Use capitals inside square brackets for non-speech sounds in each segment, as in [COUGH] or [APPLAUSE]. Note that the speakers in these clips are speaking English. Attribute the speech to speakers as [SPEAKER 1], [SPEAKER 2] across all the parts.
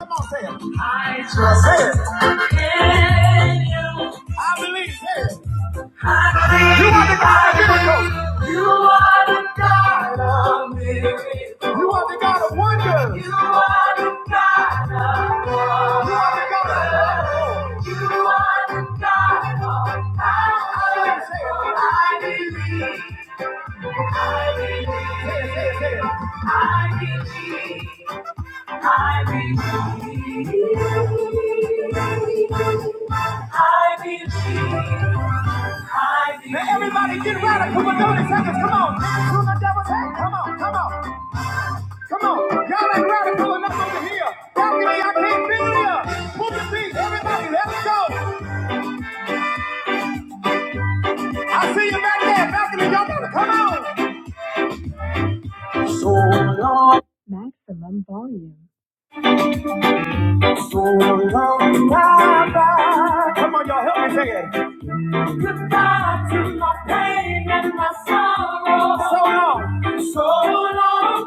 [SPEAKER 1] Come on, say it. I trust in you. I believe. Say it. I believe. You are the God of miracles. you. are the God of miracles. You are the God of wonders. You are the God of love. You are the God of miracles. wonders. You are the God of power. I believe. Say it. I believe. I believe. Say it. I believe. I believe. I believe. I believe. Now everybody get radical for 30 seconds. Come on. Dance to the devil's head. Come on. Come on. Come on. Y'all ain't radical enough over here. Balcony, I can't feel ya. Move your feet. Everybody, let's go. I see you back there. Balcony, y'all gotta come on. So long. maximum volume. So long. Bye-bye. Come on, y'all. Help me say it. You got to my pain and my sorrow. So long. So long.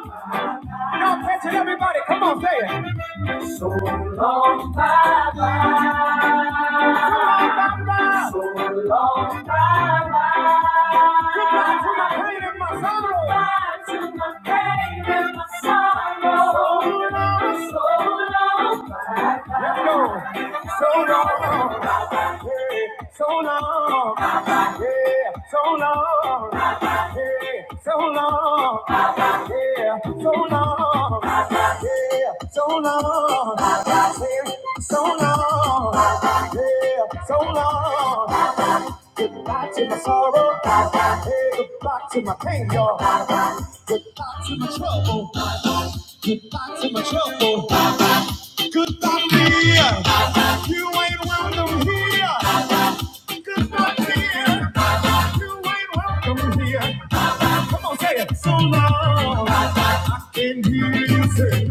[SPEAKER 1] Now catch it, everybody. Come on, say it. So long, bye-bye. So long, bye-bye. So Goodbye to my pain and my sorrow. Goodbye to my pain and my sorrow. So long, so long, Let's go. So long. Yeah, so long. Yeah, so long. Yeah, so long. Yeah, so long. Yeah, so long. Yeah, so long. Yeah, so long. Goodbye to my sorrow. Hey, goodbye to my pain, y'all. Goodbye to my trouble. Goodbye to my trouble. Goodbye, fear. You ain't welcome here. Just not here. you ain't welcome here. Come on, say it. So long. I can hear you say,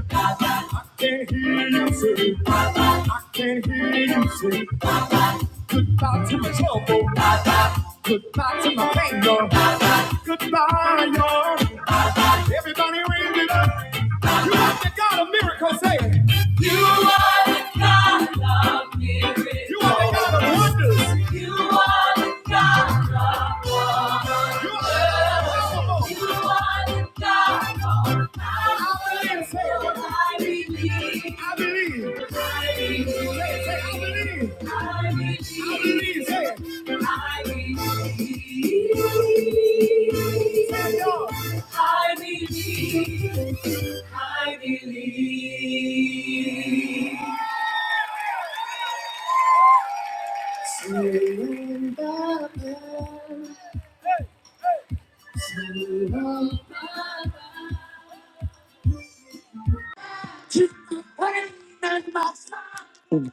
[SPEAKER 1] I can hear you say, I can hear you say, goodbye to my trouble, goodbye to my anger, goodbye, y'all. Everybody raise it up. You are the God of miracles, say it. You are the God of miracles. You are the God of wonders. You are the God of wonders. You are the God of miracles. Say I believe. I believe. I believe. Say say I believe. I believe. I believe. Say it. I believe. Say it, y'all. I believe, I believe. Hey, hey.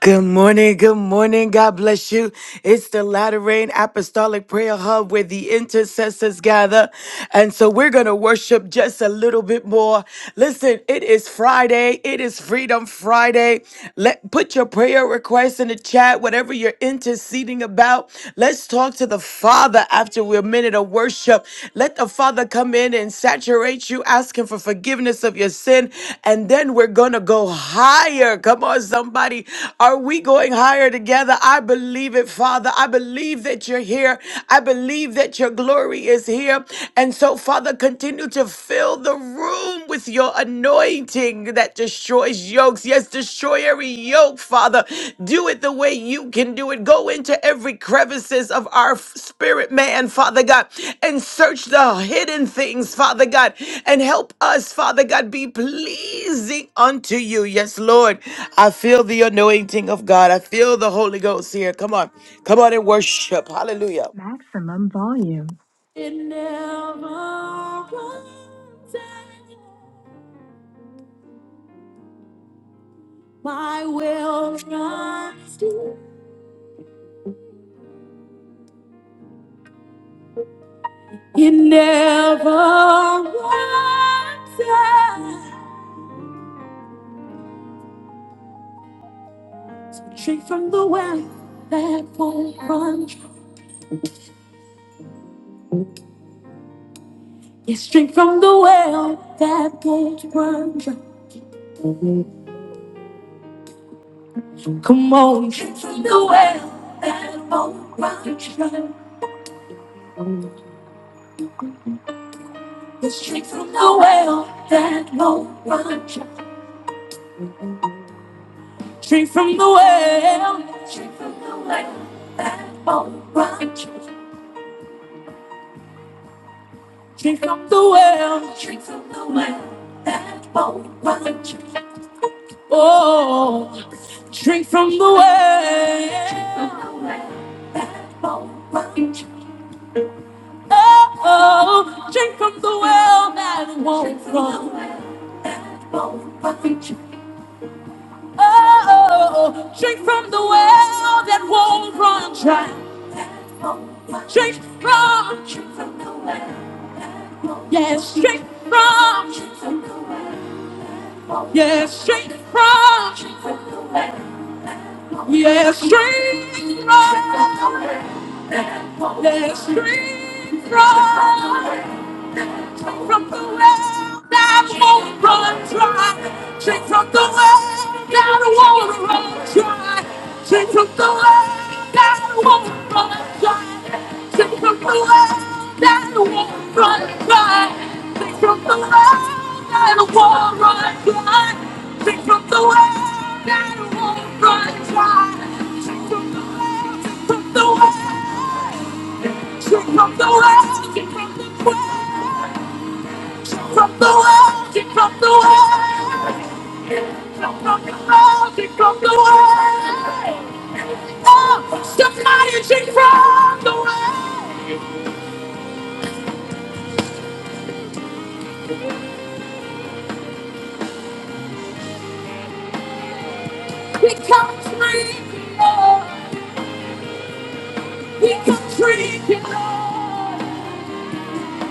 [SPEAKER 1] Good morning. Good morning. God bless you. It's the Latter Rain Apostolic Prayer Hub where the intercessors gather. And so we're going to worship just a little bit more. Listen, it is Friday. It is Freedom Friday. Let put your prayer requests in the chat, whatever you're interceding about. Let's talk to the Father after we're a minute of worship. Let the Father come in and saturate you, Ask Him for forgiveness of your sin. And then we're going to go higher. Come on, somebody. Are we going higher together? I believe it, Father. I believe that you're here. I believe that your glory is here. And so, Father, continue to fill the room with your anointing that destroys yokes. Yes, destroy every yoke, Father. Do it the way you can do it. Go into every crevices of our f- spirit man, Father God, and search the hidden things, Father God, and help us, Father God, be pleasing unto you. Yes, Lord. I feel the anointing of God. I feel the Holy Ghost here. Come on. Come on and worship. Hallelujah. Maximum volume. It never runs out. My will runs deep. He never runs out. Drink from the well that won't run dry. Yes, drink from the well that won't run dry. Drink from the well that won't run dry. Yes, drink from the well that won't run dry. Drink from the well. Drink from the well that won't run dry. Drink from the well. Drink from the well. That won't run. dry. Oh, drink from the well. Oh, oh, drink from the well that won't run. Oh, oh, oh, drink from the well that won't run dry. Drink from, yes, drink from, yes, drink from. Yes, strength from, yes, strength from from the well that won't run dry. Drink from the well that won't run dry. Drink from the well that won't run dry. Drink from the well that won't run dry. Drink from the well that won't run dry. Drink from the well that won't run dry. Drink from the well, drink from the well, drink from the well, drink from the well. From the world, it from the world. From the world, it from the world. Oh, somebody drink from the world. We come drinking, Lord. We come drinking, Lord.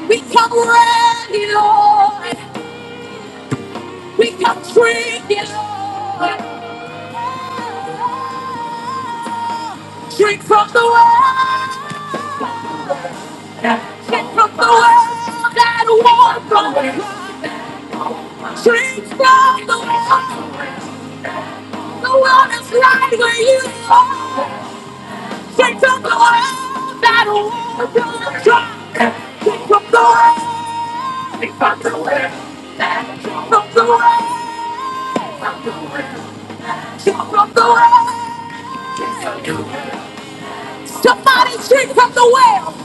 [SPEAKER 1] We come ready, Lord. We come drinking, Lord. Drink from the world. Drink from the world and water from the world. Drink from the world. The world is right where you are. Take up the world that won't Take up the world. Take up the world. Take up the world. Take up the world. Somebody take up the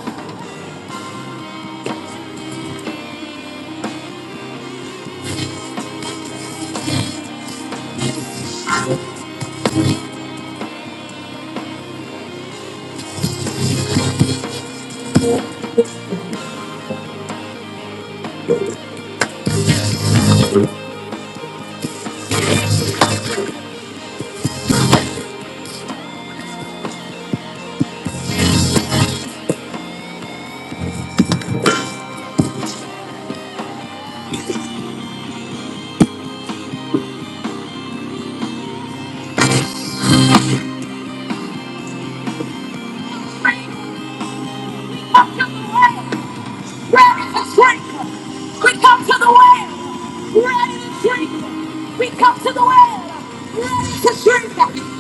[SPEAKER 1] world. ready to drink. We come to the well, ready to drink. We come to the well, ready to drink.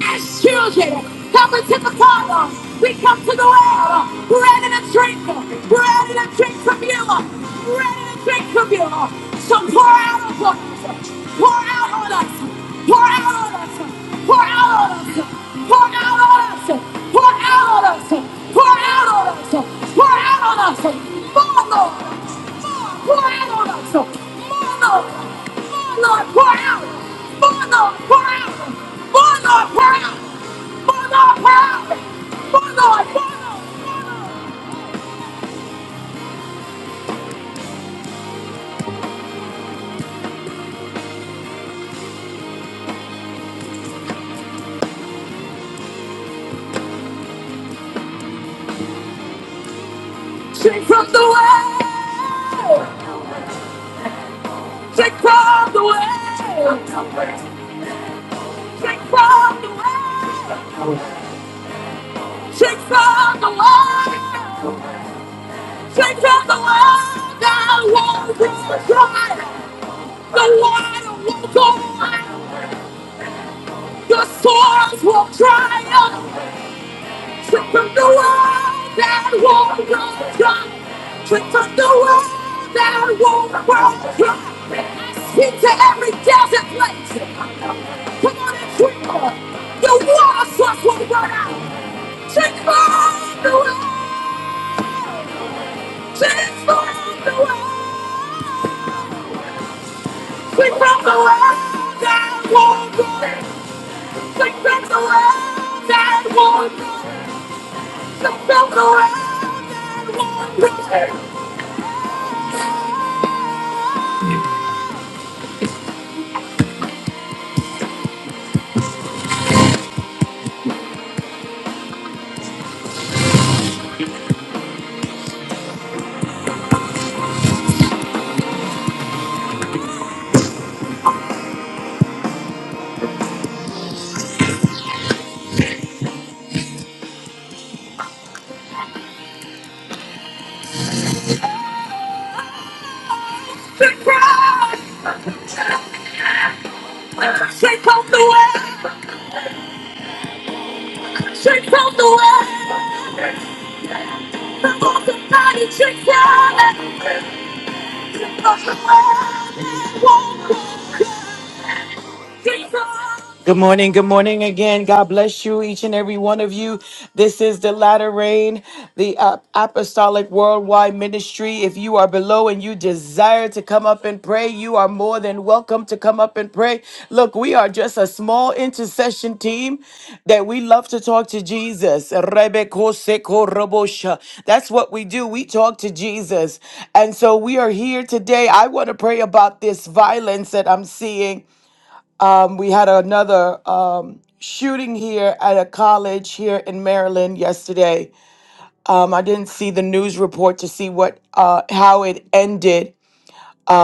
[SPEAKER 1] As children, coming to the Father, we come to the well, ready to drink, ready to drink from you, ready to drink from you. So pour out upon us, Pour out on us. Pour out on us. Pour out on us. Pour out on us. Pour out on us. Pour out on us. Pour out on us. More, Lord. More. Pour out on us. More, Lord. More, Lord. Pour out. More, Lord. Pour out. More, Lord. Pour out. More, Lord. Pour out. More, Lord. Pour out. Shake from the way. Shake from the way. Shake from the way. Chicks on the line! Chicks on the line! Now won't cry! The water will go on! The swords will triumph! Chicks on the line! That won't cry! Chicks on the line! That won't cry! Speak to every desert place! Come on and scream! The water source will run out! Chicks on the line! Chicks on the line! We broke the world that won't go. We broke the world that won't go. We broke the world that won't go. She broke the world that won't go. She broke the world that won't go. Good morning. Good morning again. God bless you, each and every one of you. This is the latter rain, the uh, apostolic worldwide ministry. If you are below and you desire to come up and pray, you are more than welcome to come up and pray. Look, we are just a small intercession team that we love to talk to Jesus. Rebekosekorobosha. That's what we do. We talk to Jesus. And so we are here today. I want to pray about this violence that I'm seeing um, we had another um, shooting here at a college here in Maryland yesterday. Um, I didn't see the news report to see what uh, how it ended.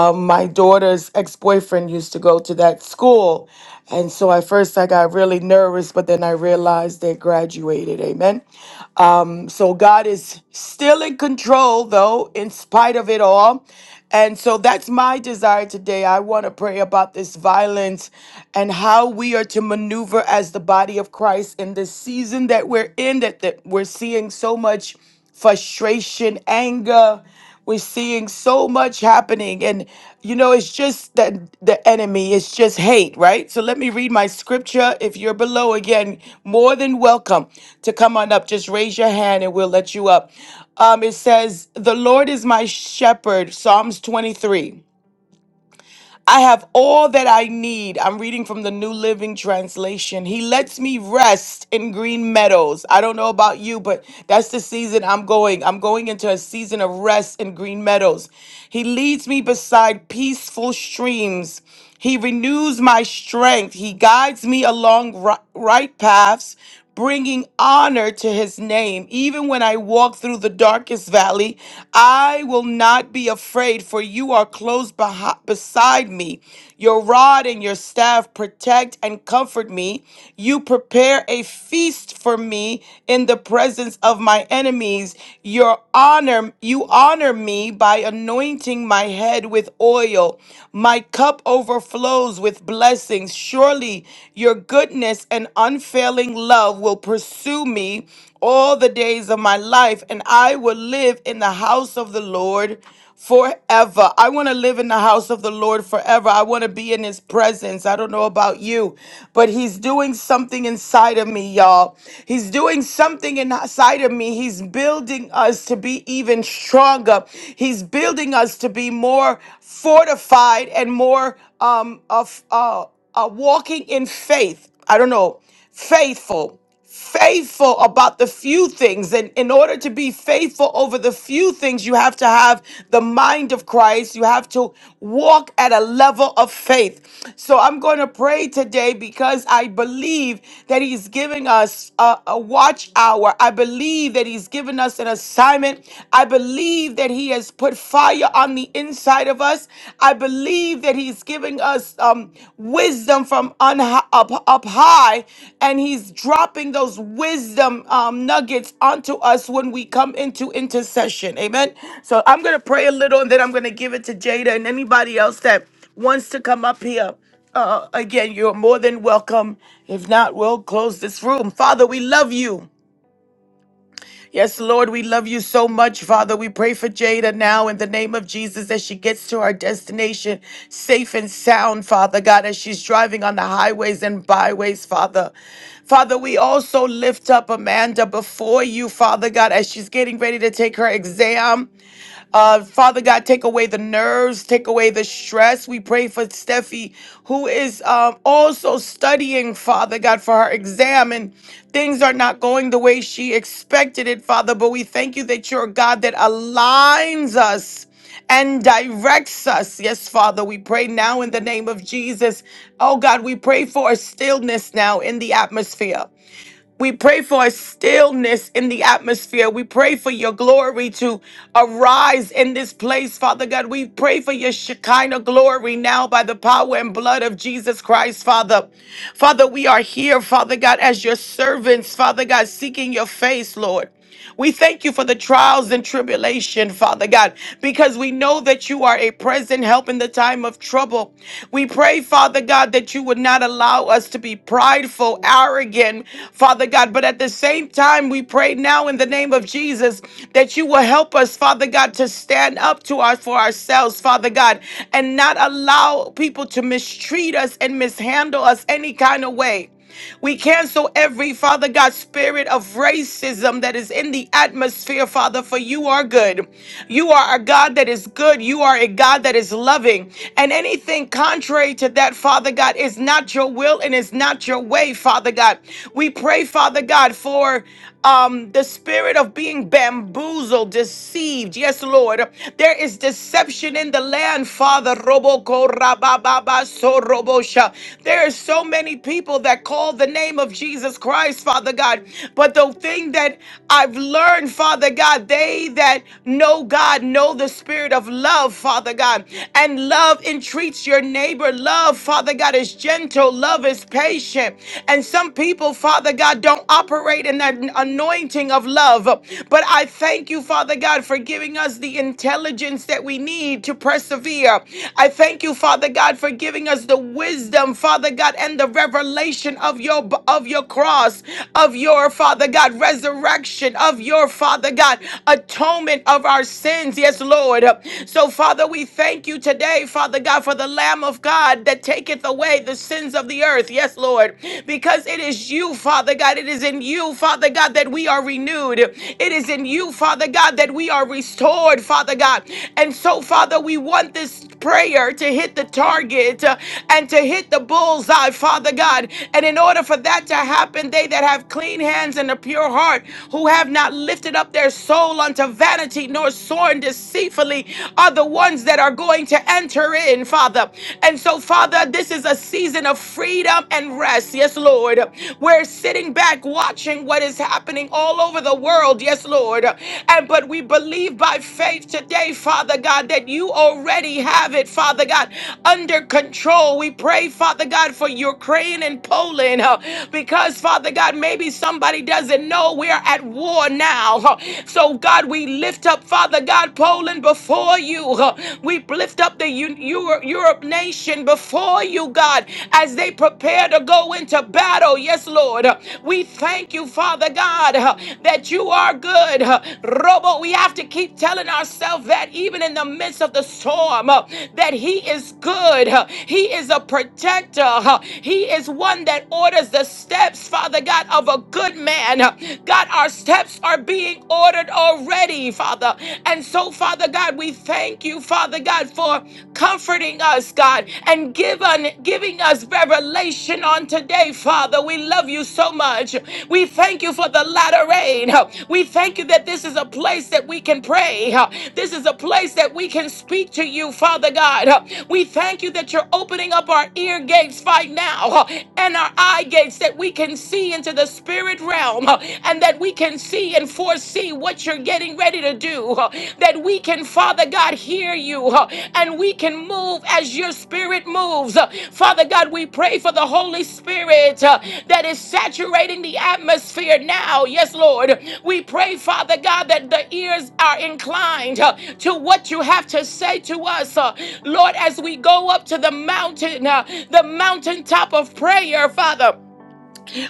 [SPEAKER 1] Um, my daughter's ex boyfriend used to go to that school, and so at first I got really nervous, but then I realized they graduated. Amen. Um, so God is still in control, though, in spite of it all. And so that's my desire today. I want to pray about this violence and how we are to maneuver as the body of Christ in this season that we're in, that, that we're seeing so much frustration, anger. We're seeing so much happening. And, you know, it's just that the enemy, it's just hate, right? So let me read my scripture. If you're below, again, more than welcome to come on up. Just raise your hand and we'll let you up. Um, it says, The Lord is my shepherd, Psalms 23. I have all that I need. I'm reading from the New Living Translation. He lets me rest in green meadows. I don't know about you, but that's the season I'm going. I'm going into a season of rest in green meadows. He leads me beside peaceful streams. He renews my strength. He guides me along ri- right paths, bringing honor to his name. Even when I walk through the darkest valley, I will not be afraid, for you are close behi- beside me. Your rod and your staff protect and comfort me. You prepare a feast for me in the presence of my enemies. Your honor, you honor me by anointing my head with oil. My cup overflows with blessings blessings. Surely your goodness and unfailing love will pursue me all the days of my life, and I will live in the house of the Lord forever. I want to live in the house of the Lord forever. I want to be in his presence. I don't know about you, but he's doing something inside of me, y'all. He's doing something inside of me. He's building us to be even stronger. He's building us to be more fortified and more um of uh are walking in faith. I don't know, faithful, faithful about the few things. And in order to be faithful over the few things, you have to have the mind of Christ. You have to walk at a level of faith. So I'm going to pray today because I believe that He's giving us a, a watch hour. I believe that He's given us an assignment. I believe that He has put fire on the inside of us. I believe that He's giving us um, wisdom from on hi- up, up high, and He's dropping those wisdom um, nuggets onto us when we come into intercession. Amen. So I'm going to pray a little, and then I'm going to give it to Jada and anybody else that wants to come up here. Uh, again, you're more than welcome. If not, we'll close this room. Father, we love you. Yes, Lord, we love you so much, Father. We pray for Jada now in the name of Jesus as she gets to our destination safe and sound, Father God, as she's driving on the highways and byways, Father. Father, we also lift up Amanda before you, Father God, as she's getting ready to take her exam. Uh, Father God, take away the nerves, take away the stress. We pray for Steffi, who is um, also studying, Father God, for her exam. And things are not going the way she expected it, Father. But we thank you that you're a God that aligns us and directs us. Yes, Father, we pray now in the name of Jesus. Oh, God, we pray for a stillness now in the atmosphere. We pray for a stillness in the atmosphere. We pray for your glory to arise in this place, Father God. We pray for your Shekinah glory now by the power and blood of Jesus Christ, Father. Father, we are here, Father God, as your servants, Father God, seeking your face, Lord. We thank you for the trials and tribulation, Father God, because we know that you are a present help in the time of trouble. We pray, Father God, that you would not allow us to be prideful, arrogant, Father God, but at the same time, we pray now in the name of Jesus that you will help us, Father God, to stand up to us for ourselves, Father God, and not allow people to mistreat us and mishandle us any kind of way. We cancel every, Father God, spirit of racism that is in the atmosphere, Father, for you are good. You are a God that is good. You are a God that is loving. And anything contrary to that, Father God, is not your will and is not your way, Father God. We pray, Father God, for um, the spirit of being bamboozled, deceived. Yes, Lord. There is deception in the land, Father. Roboko rabababa so robosha. There are so many people that call the the name of Jesus Christ, Father God. But the thing that I've learned, Father God, they that know God know the spirit of love, Father God. And love entreats your neighbor. Love, Father God, is gentle. Love is patient. And some people, Father God, don't operate in that anointing of love. But I thank you, Father God, for giving us the intelligence that we need to persevere. I thank you, Father God, for giving us the wisdom, Father God, and the revelation of your your of your cross, of your Father God resurrection, of your Father God atonement of our sins. Yes, Lord. So Father, we thank you today, Father God, for the Lamb of God that taketh away the sins of the earth. Yes, Lord. Because it is you, Father God. It is in you, Father God, that we are renewed. It is in you, Father God, that we are restored, Father God. And so, Father, we want this prayer to hit the target uh, and to hit the bullseye, Father God. And in order order for that to happen, they that have clean hands and a pure heart, who have not lifted up their soul unto vanity nor sworn deceitfully, are the ones that are going to enter in, Father. And so, Father, this is a season of freedom and rest. Yes, Lord. We're sitting back watching what is happening all over the world. Yes, Lord. And but we believe by faith today, Father God, that you already have it, Father God, under control. We pray, Father God, for Ukraine and Poland. huh, uh, because, Father God, maybe somebody doesn't know we're at war now. uh, So, God, we lift up, Father God, Poland before you. uh, We lift up the Eu- Euro- Europe nation before you, God, as they prepare to go into battle. Yes, Lord. uh, We thank you, Father God, uh, that you are good. uh, Robo, we have to keep telling ourselves that even in the midst of the storm, uh, that He is good. uh, He is a protector. uh, He is one that orders orders the steps, Father God, of a good man. God, our steps are being ordered already, Father. And so, Father God, we thank you, Father God, for comforting us, God, and give un- giving us revelation on today, Father. We love you so much. We thank you for the latter rain. We thank you that this is a place that we can pray. This is a place that we can speak to you, Father God. We thank you that you're opening up our ear gates right now and our eye gates gates that we can see into the spirit realm uh, and that we can see and foresee what you're getting ready to do. uh, That we can, Father God, hear you uh, and we can move as your spirit moves. Uh, Father God, we pray for the Holy Spirit uh, that is saturating the atmosphere now. Yes, Lord. We pray, Father God, that the ears are inclined uh, to what you have to say to us. uh, Lord, as we go up to the mountain, uh, the mountaintop of prayer, Father.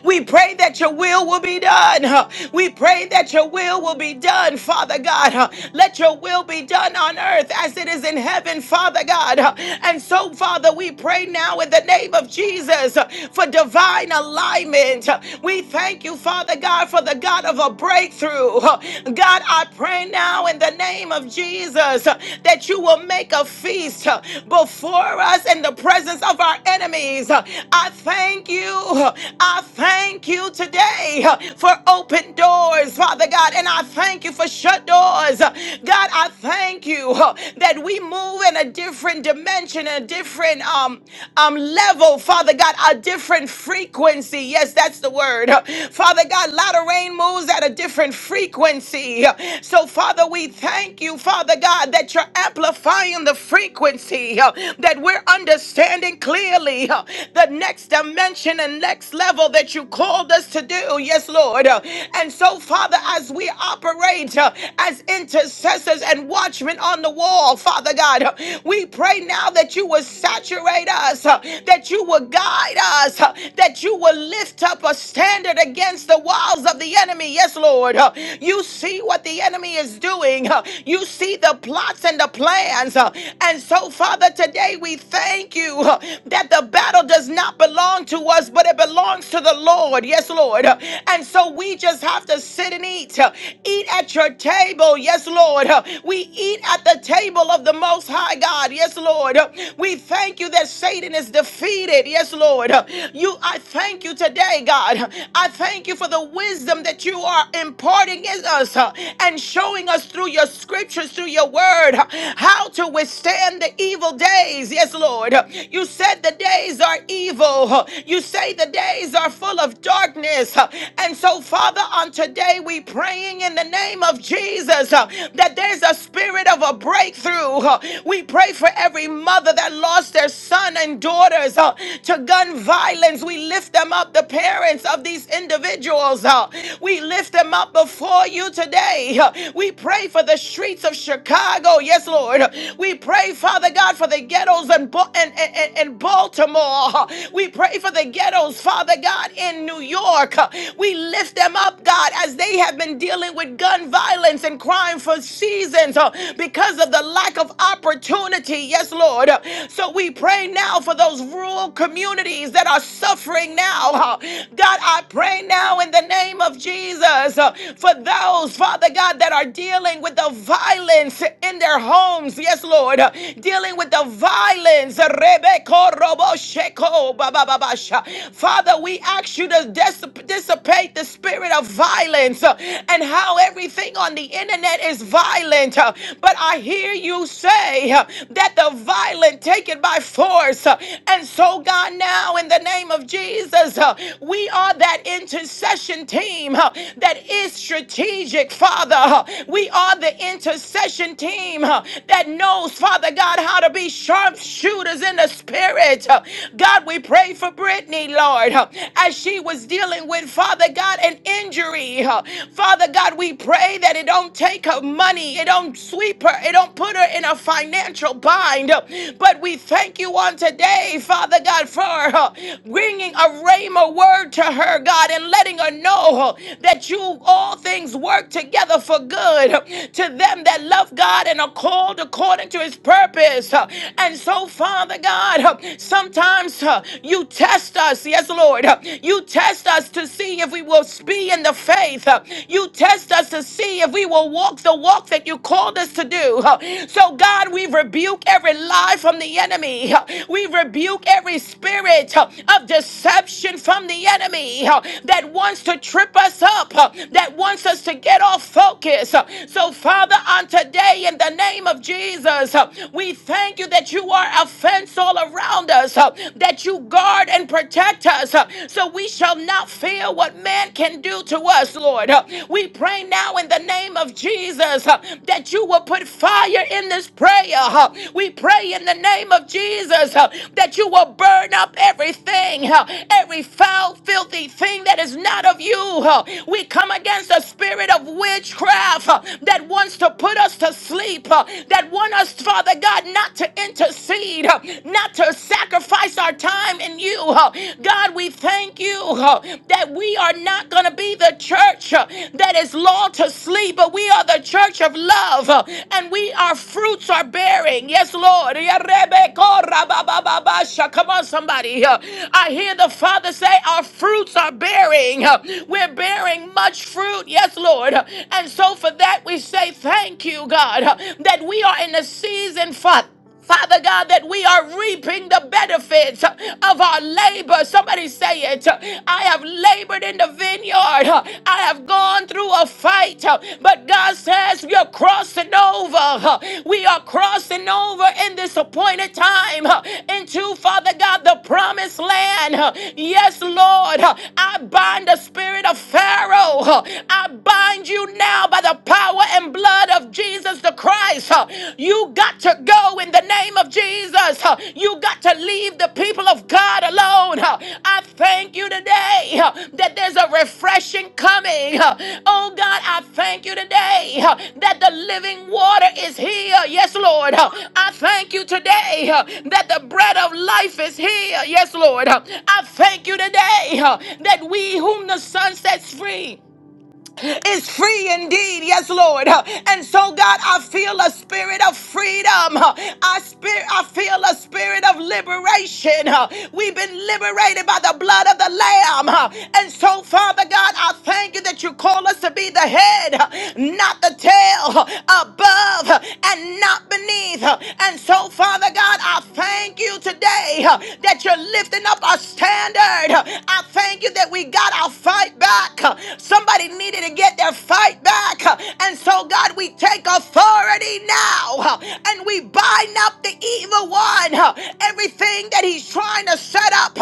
[SPEAKER 1] We pray that your will will be done. huh. We pray that your will will be done, Father God. huh. Let your will be done on earth as it is in heaven, Father God. huh. And so, Father, we pray now in the name of Jesus huh, for divine alignment. huh. We thank you, Father God, for the God of a breakthrough. huh. God, I pray now in the name of Jesus huh, that you will make a feast huh, before us in the presence of our enemies. huh. I thank you. I thank you today uh, for open doors, Father God, and I thank you for shut doors. God, I thank you uh, that we move in a different dimension, a different um, um level, Father God, a different frequency. Yes, that's the word. Father God, Latter Rain moves at a different frequency. So, Father, we thank you, Father God, that you're amplifying the frequency, uh, that we're understanding clearly uh, the next next dimension and next level that you called us to do. Yes, Lord. Uh, And so, Father, as we operate uh, as intercessors and watchmen on the wall, Father God, uh, we pray now that you will saturate us, uh, that you will guide us, uh, that you will lift up a standard against the walls of the enemy. Yes, Lord. Uh, You see what the enemy is doing, Uh, you see the plots and the plans. Uh, And so, Father, today we thank you uh, that the battle battle does not belong to us, but it belongs to the Lord. Yes, Lord. And so we just have to sit and eat. Eat at your table. Yes, Lord. We eat at the table of the Most High God. Yes, Lord. We thank you that Satan is defeated. Yes, Lord. You, I thank you today, God. I thank you for the wisdom that you are imparting in us uh, and showing us through your scriptures, through your word, uh, how to withstand the evil days. Yes, Lord. You you said the days are evil. You say the days are full of darkness. And so, Father, on today we praying in the name of Jesus uh, that there's a spirit of a breakthrough. uh. We pray for every mother that lost their son and daughters uh, to gun violence. We lift them up, the parents of these individuals. uh. We lift them up before you today. uh. We pray for the streets of Chicago. Yes, Lord. We pray, Father God, for the ghettos of and, and, and, and Baltimore. We pray for the ghettos, Father God, in New York. We lift them up, God, as they have been dealing with gun violence and crime for seasons uh, because of the lack of opportunity. Yes, Lord. So we pray now for those rural communities that are suffering now. uh. God, I pray now in the name of Jesus uh, for those, Father God, that are dealing with the violence in their homes. Yes, Lord. uh, Dealing dealing with the violence. Rebeko robo sheko ba Father, we ask you to dis- dissipate the spirit of violence uh, and how everything on the internet is violent. uh, But I hear you say uh, that the violent take it by force. uh, And so, God, now in the name of Jesus, uh, we are that intercession team uh, that is strategic, Father. Uh, We are the intercession team uh, that knows those, Father God, how to be sharpshooters in the spirit. Uh, God, we pray for Brittany, Lord, uh, as she was dealing with, Father God, an injury. Uh, Father God, we pray that it don't take her money, it don't sweep her, it don't put her in a financial bind. Uh, But we thank you on today, Father God, for uh, bringing a rhema word to her, God, and letting her know uh, that you all things work together for good uh, to them that love God and are called called according to his purpose. Uh, And so, Father God, uh, sometimes uh, you test us. Yes, Lord. Uh, You test us to see if we will be in the faith. Uh, You test us to see if we will walk the walk that you called us to do. Uh, So, God, we rebuke every lie from the enemy. Uh, We rebuke every spirit uh, of deception from the enemy uh, that wants to trip us up, uh, that wants us to get off focus. Uh, So, Father, on today in the name of Jesus. Uh, We thank you that you are a fence all around us, uh, that you guard and protect us, uh, so we shall not fear what man can do to us, Lord. Uh, We pray now in the name of Jesus uh, that you will put fire in this prayer. uh. We pray in the name of Jesus uh, that you will burn up everything, uh, every foul, filthy thing that is not of you. uh. We come against the spirit of witchcraft uh, that that wants to put us to sleep, uh, that want us, Father God, not to intercede, uh, not to sacrifice our time in you. uh. God, we thank you uh, that we are not going to be the church uh, that is lulled to sleep, but we are the church of love, uh, and we our fruits are bearing. Yes, Lord. Yarebekorabababasha. Come on, somebody. uh, I hear the Father say, Our fruits are bearing. uh, We're bearing much fruit. Yes, Lord. And and so for that, we say thank you, God, uh, that we are in a season, Father. Father God, that we are reaping the benefits uh, of our labor. Somebody say it. I have labored in the vineyard. I have gone through a fight. uh, But God says we are crossing over. We are crossing over in this appointed time uh, into, Father. Father God, the promised land. Yes, Lord, I bind the spirit of Pharaoh. I bind you now by the power and blood of Jesus the Christ. You got to go in the name of Jesus. You got to leave the people of God alone. I thank you you today uh, that there's a refreshing coming. uh. Oh God, I thank you today uh, that the living water is here. Yes, Lord. uh. I thank you today uh, that the bread of life is here. Yes, Lord. uh. I thank you today uh, that we whom the sun sets free is free indeed. Yes, Lord. And so, God, I feel a spirit of freedom. I spirit, I feel a spirit of liberation. We've been liberated by the blood of the Lamb. And so, Father God, I thank you that you call us to be the head, not the tail, above and not beneath. And so, Father God, I thank you today that you're lifting up a standard. I thank you that we got our fight back. Somebody needed to get their fight back. And so, God, we take authority now and we bind up the evil one. Everything that he's trying to set up,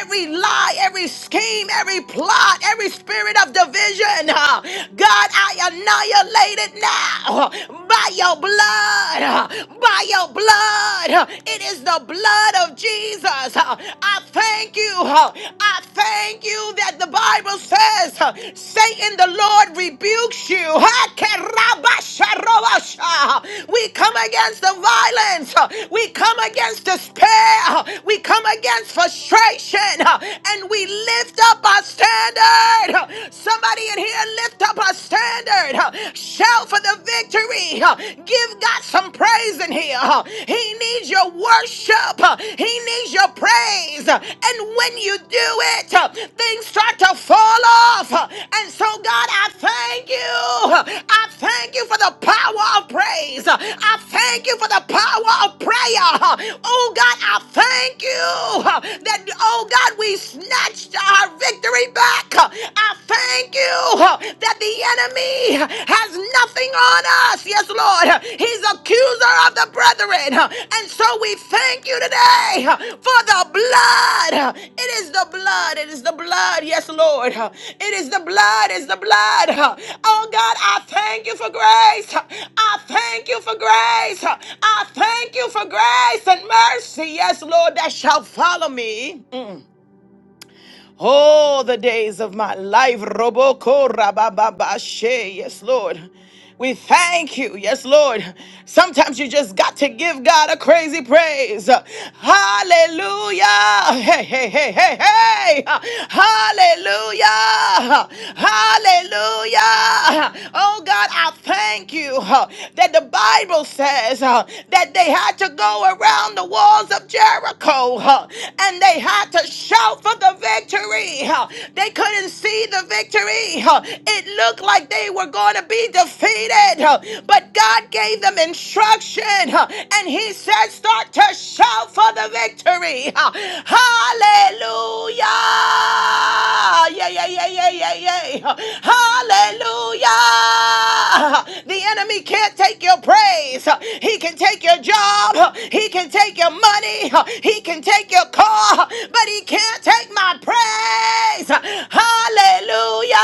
[SPEAKER 1] every lie, every scheme, every plot, every spirit of division. God, I annihilate it now by your blood. By your blood. It it is the blood of Jesus. Uh, I thank you. uh, I thank you that the Bible says, uh, Satan, the Lord rebukes you. Ah, We come against the violence. uh, We come against despair. uh, We come against frustration. uh, And we lift up our standard. Uh, Somebody in here lift up our standard. Uh, Shout for the victory victory. Uh, Give God some praise in here. Uh, He needs your worship. Uh, He needs your praise. Uh, And when you do it, uh, things start to fall off. Uh, And so, God, I thank you. Uh, I thank you for the power of praise. Uh, I thank you for the power of prayer. Uh, Oh, God, I thank you uh, that, oh, God, we snatched our victory back. Uh, I thank thank you that the enemy has nothing on us. Yes, Lord. He's accuser of the brethren. And so we thank you today for the blood. It is the blood. It is the blood. Yes, Lord. It is the blood. It's the blood. Oh, God, I thank you for grace. I thank you for grace. I thank you for grace and mercy. Yes, Lord, that shall follow me all the days of my life. Roboko rabababashe. Yes, Lord. We thank you. Yes, Lord. Sometimes you just got to give God a crazy praise. Hallelujah. Hey, hey, hey, hey, hey. Hallelujah. Hallelujah. Oh, God, I thank you uh, that the Bible says uh, that they had to go around down the walls of Jericho huh, and they had to shout for the victory. huh. They couldn't see the victory. huh. It looked like they were going to be defeated, huh, but God gave them instruction huh, and He said, Start to shout for the victory. huh. Hallelujah! Yeah, yeah, yeah, yeah, yeah, yeah. huh. Hallelujah! The enemy can't take your praise. He can take your job. He can take your money. He can take your car. But he can't take my praise. Hallelujah.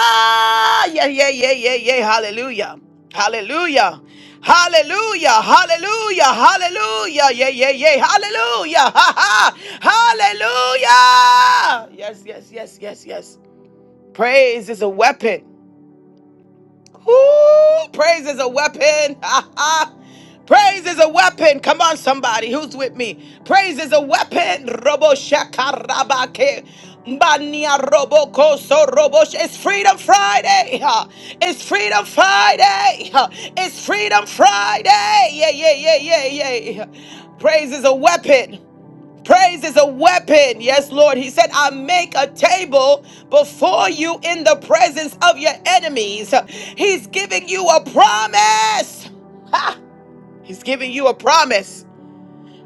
[SPEAKER 1] Yeah, yeah, yeah, yeah, yeah. Hallelujah. Hallelujah. Hallelujah. Hallelujah. Hallelujah. Yeah, yeah, yeah. Hallelujah. Ha, ha. Hallelujah. Yes, yes, yes, yes, yes. Praise is a weapon. Ooh, Praise is a weapon. [LAUGHS] Praise is a weapon. Come on, somebody who's with me. Praise is a weapon. Robo shakarabake. Bania robo koso robo. sh- It's Freedom Friday. ha. It's Freedom Friday. ha. It's Freedom Friday. Yeah, yeah, yeah, yeah, yeah. Praise is a weapon. Praise is a weapon. Yes, Lord. He said, I make a table before you in the presence of your enemies. He's giving you a promise. He's giving you a promise.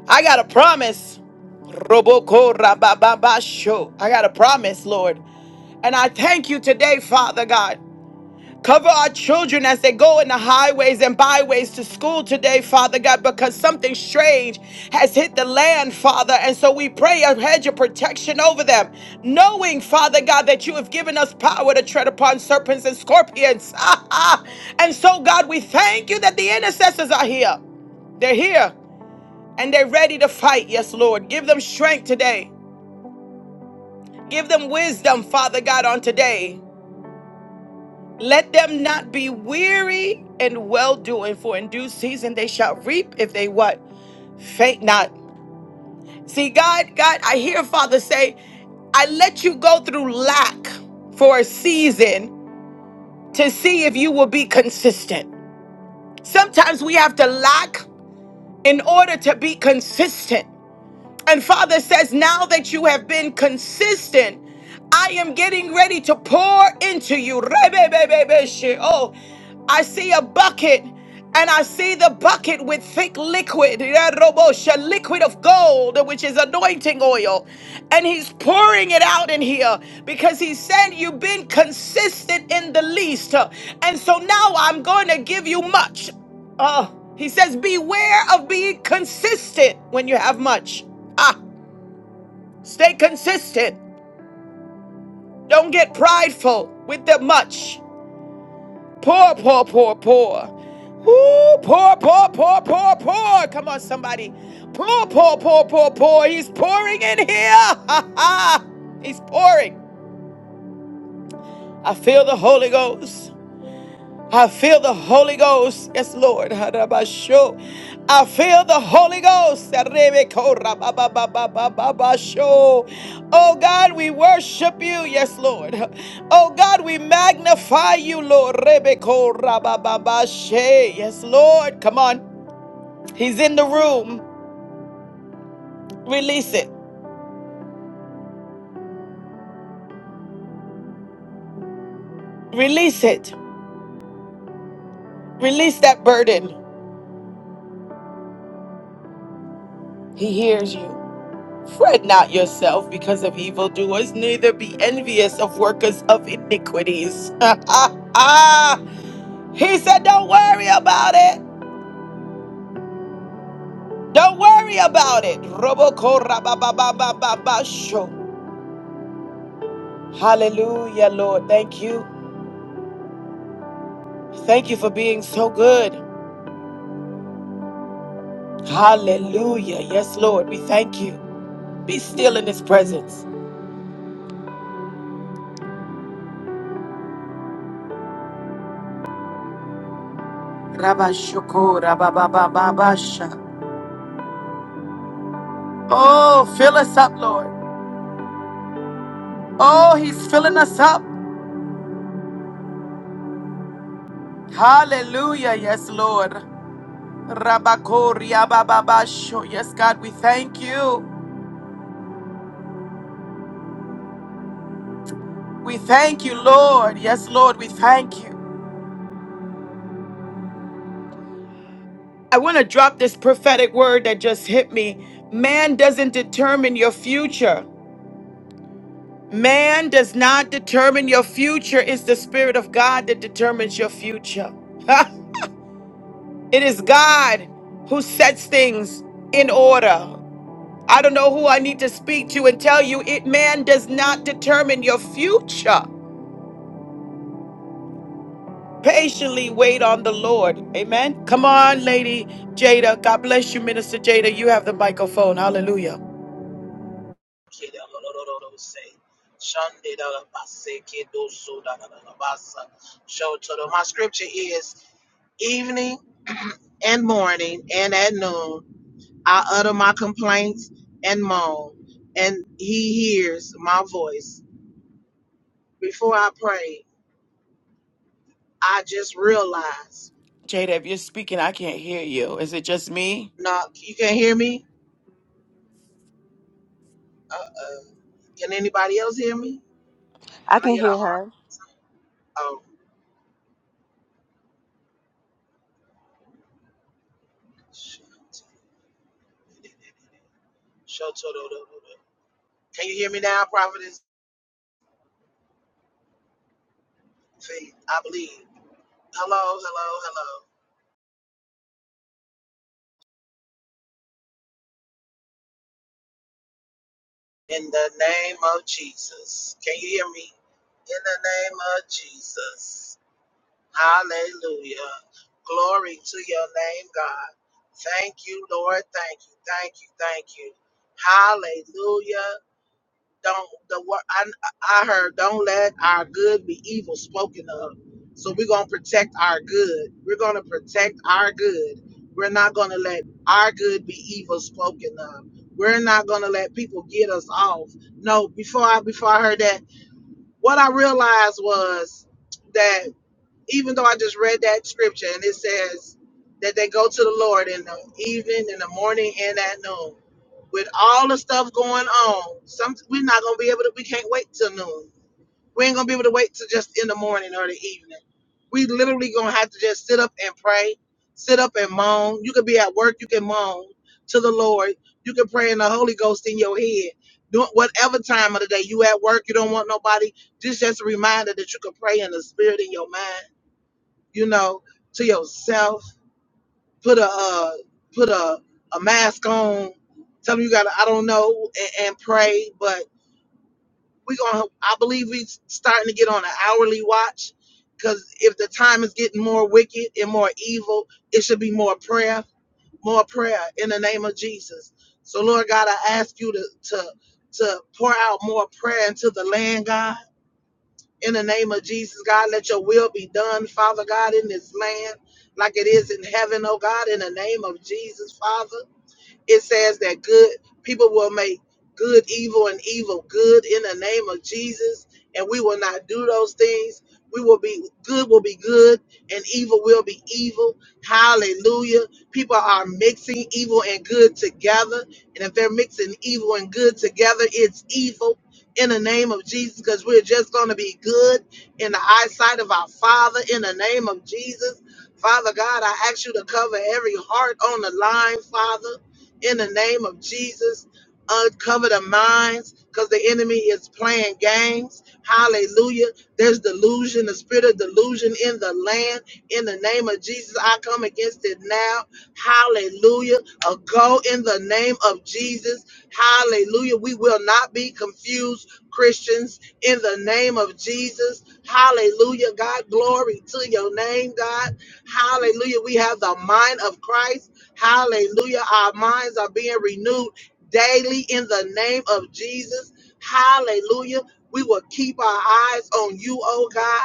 [SPEAKER 1] I got a promise. Roboko rabababasho. I got a promise, Lord. And I thank you today, Father God. Cover our children as they go in the highways and byways to school today, Father God, because something strange has hit the land, Father. And so we pray a hedge of protection over them, knowing, Father God, that you have given us power to tread upon serpents and scorpions. [LAUGHS] Ah, ah. and so, God, we thank you that the intercessors are here. They're here and they're ready to fight. Yes, Lord. Give them strength today. Give them wisdom, Father God, on today. Let them not be weary and well doing, for in due season they shall reap if they what? Faint not. See, God, God, I hear Father say, I let you go through lack for a season to see if you will be consistent. Sometimes we have to lack in order to be consistent. And Father says, now that you have been consistent, I am getting ready to pour into you. Rebebebebeshe. Oh, I see a bucket. And I see the bucket with thick liquid, Yerobosha, liquid of gold, which is anointing oil. And he's pouring it out in here because he said, You've been consistent in the least. And so now I'm going to give you much. Uh, he says, Beware of being consistent when you have much. Ah, stay consistent. Don't get prideful with the much. Poor, poor, poor, poor. Ooh, poor, poor, poor, poor, poor. Come on, somebody. Poor, poor, poor, poor, poor. He's pouring in here. Ha [LAUGHS] ha. He's pouring. I feel the Holy Ghost. I feel the Holy Ghost. Yes, Lord. Harabasho. I feel the Holy Ghost. Arebeko rababababababasho. Oh God, we worship you. Yes, Lord. Oh God, we magnify you, Lord. Rebeko rabababashe. Yes, Lord. Come on. He's in the room. Release it. Release it. Release that burden. He hears you. Fret not yourself because of evildoers, neither be envious of workers of iniquities. [LAUGHS] he said, Don't worry about it. Don't worry about it. Roboko rabababababa sho. Hallelujah, Lord. Thank you. Thank you for being so good. Hallelujah. Yes, Lord. We thank you. Be still in his presence. Rabashoko rababababasha. Oh, fill us up, Lord. Oh, he's filling us up. Hallelujah. Yes, Lord. Rabakoria bababasho. Yes, God, we thank you. We thank you, Lord. Yes, Lord, we thank you. I want to drop this prophetic word that just hit me. Man doesn't determine your future. Man does not determine your future. It's the Spirit of God that determines your future. [LAUGHS] it is God who sets things in order. I don't know who I need to speak to and tell you it man does not determine your future. Patiently wait on the Lord. Amen. Come on, Lady Jada. God bless you, Minister Jada. You have the microphone. Hallelujah.
[SPEAKER 2] So so my scripture is evening and morning and at noon I utter my complaints and moan, and he hears my voice. Before I pray, I just realize,
[SPEAKER 1] Jada, if you're speaking, I can't hear you. Is it just me?
[SPEAKER 2] no, you can't hear me? Uh-uh. Can anybody else hear me?
[SPEAKER 3] I
[SPEAKER 2] Can I
[SPEAKER 3] can
[SPEAKER 2] get a
[SPEAKER 3] hear
[SPEAKER 2] heart?
[SPEAKER 3] her.
[SPEAKER 2] Oh. Shout to the- Can you hear me now, Providence? Faith, I believe. Hello, hello, hello. In the name of Jesus. Can you hear me? In the name of Jesus. Hallelujah. Glory to your name, God. Thank you, Lord. Thank you, thank you, thank you. Hallelujah. don't the word I, I heard don't let our good be evil spoken of so we're going to protect our good we're going to protect our good we're not going to let our good be evil spoken of we're not going to let people get us off no before i before i heard that what i realized was that even though i just read that scripture and it says that they go to the lord in the evening in the morning and at noon with all the stuff going on, some we're not gonna be able to. We can't wait till noon. We ain't gonna be able to wait till just in the morning or the evening. We literally gonna have to just sit up and pray, sit up and moan. You could be at work, you can moan to the Lord. You can pray in the Holy Ghost in your head. Do whatever time of the day you at work, you don't want nobody. Just just a reminder that you can pray in the spirit in your mind. You know, to yourself put a uh, put a, a mask on. Tell them you got to I don't know and, and pray, but we gonna I believe we starting to get on an hourly watch because if the time is getting more wicked and more evil, it should be more prayer, more prayer in the name of Jesus. So Lord God, I ask you to to to pour out more prayer into the land, God. In the name of Jesus, God, let your will be done, Father God, in this land like it is in heaven, oh God, in the name of Jesus, Father. It says that good people will make good evil and evil good in the name of Jesus, and we will not do those things. We will be good will be good and evil will be evil. Hallelujah. People are mixing evil and good together. And if they're mixing evil and good together, it's evil in the name of Jesus because we're just going to be good in the eyesight of our Father in the name of Jesus. Father God, I ask you to cover every heart on the line, Father in the name of Jesus. Uncover the minds because the enemy is playing games. Hallelujah. There's delusion, the spirit of delusion in the land. In the name of Jesus, I come against it now. Hallelujah. A go in the name of Jesus. Hallelujah. We will not be confused Christians in the name of Jesus. Hallelujah. God, glory to your name, God. Hallelujah. We have the mind of Christ. Hallelujah. Our minds are being renewed daily in the name of Jesus. Hallelujah. We will keep our eyes on you, oh God.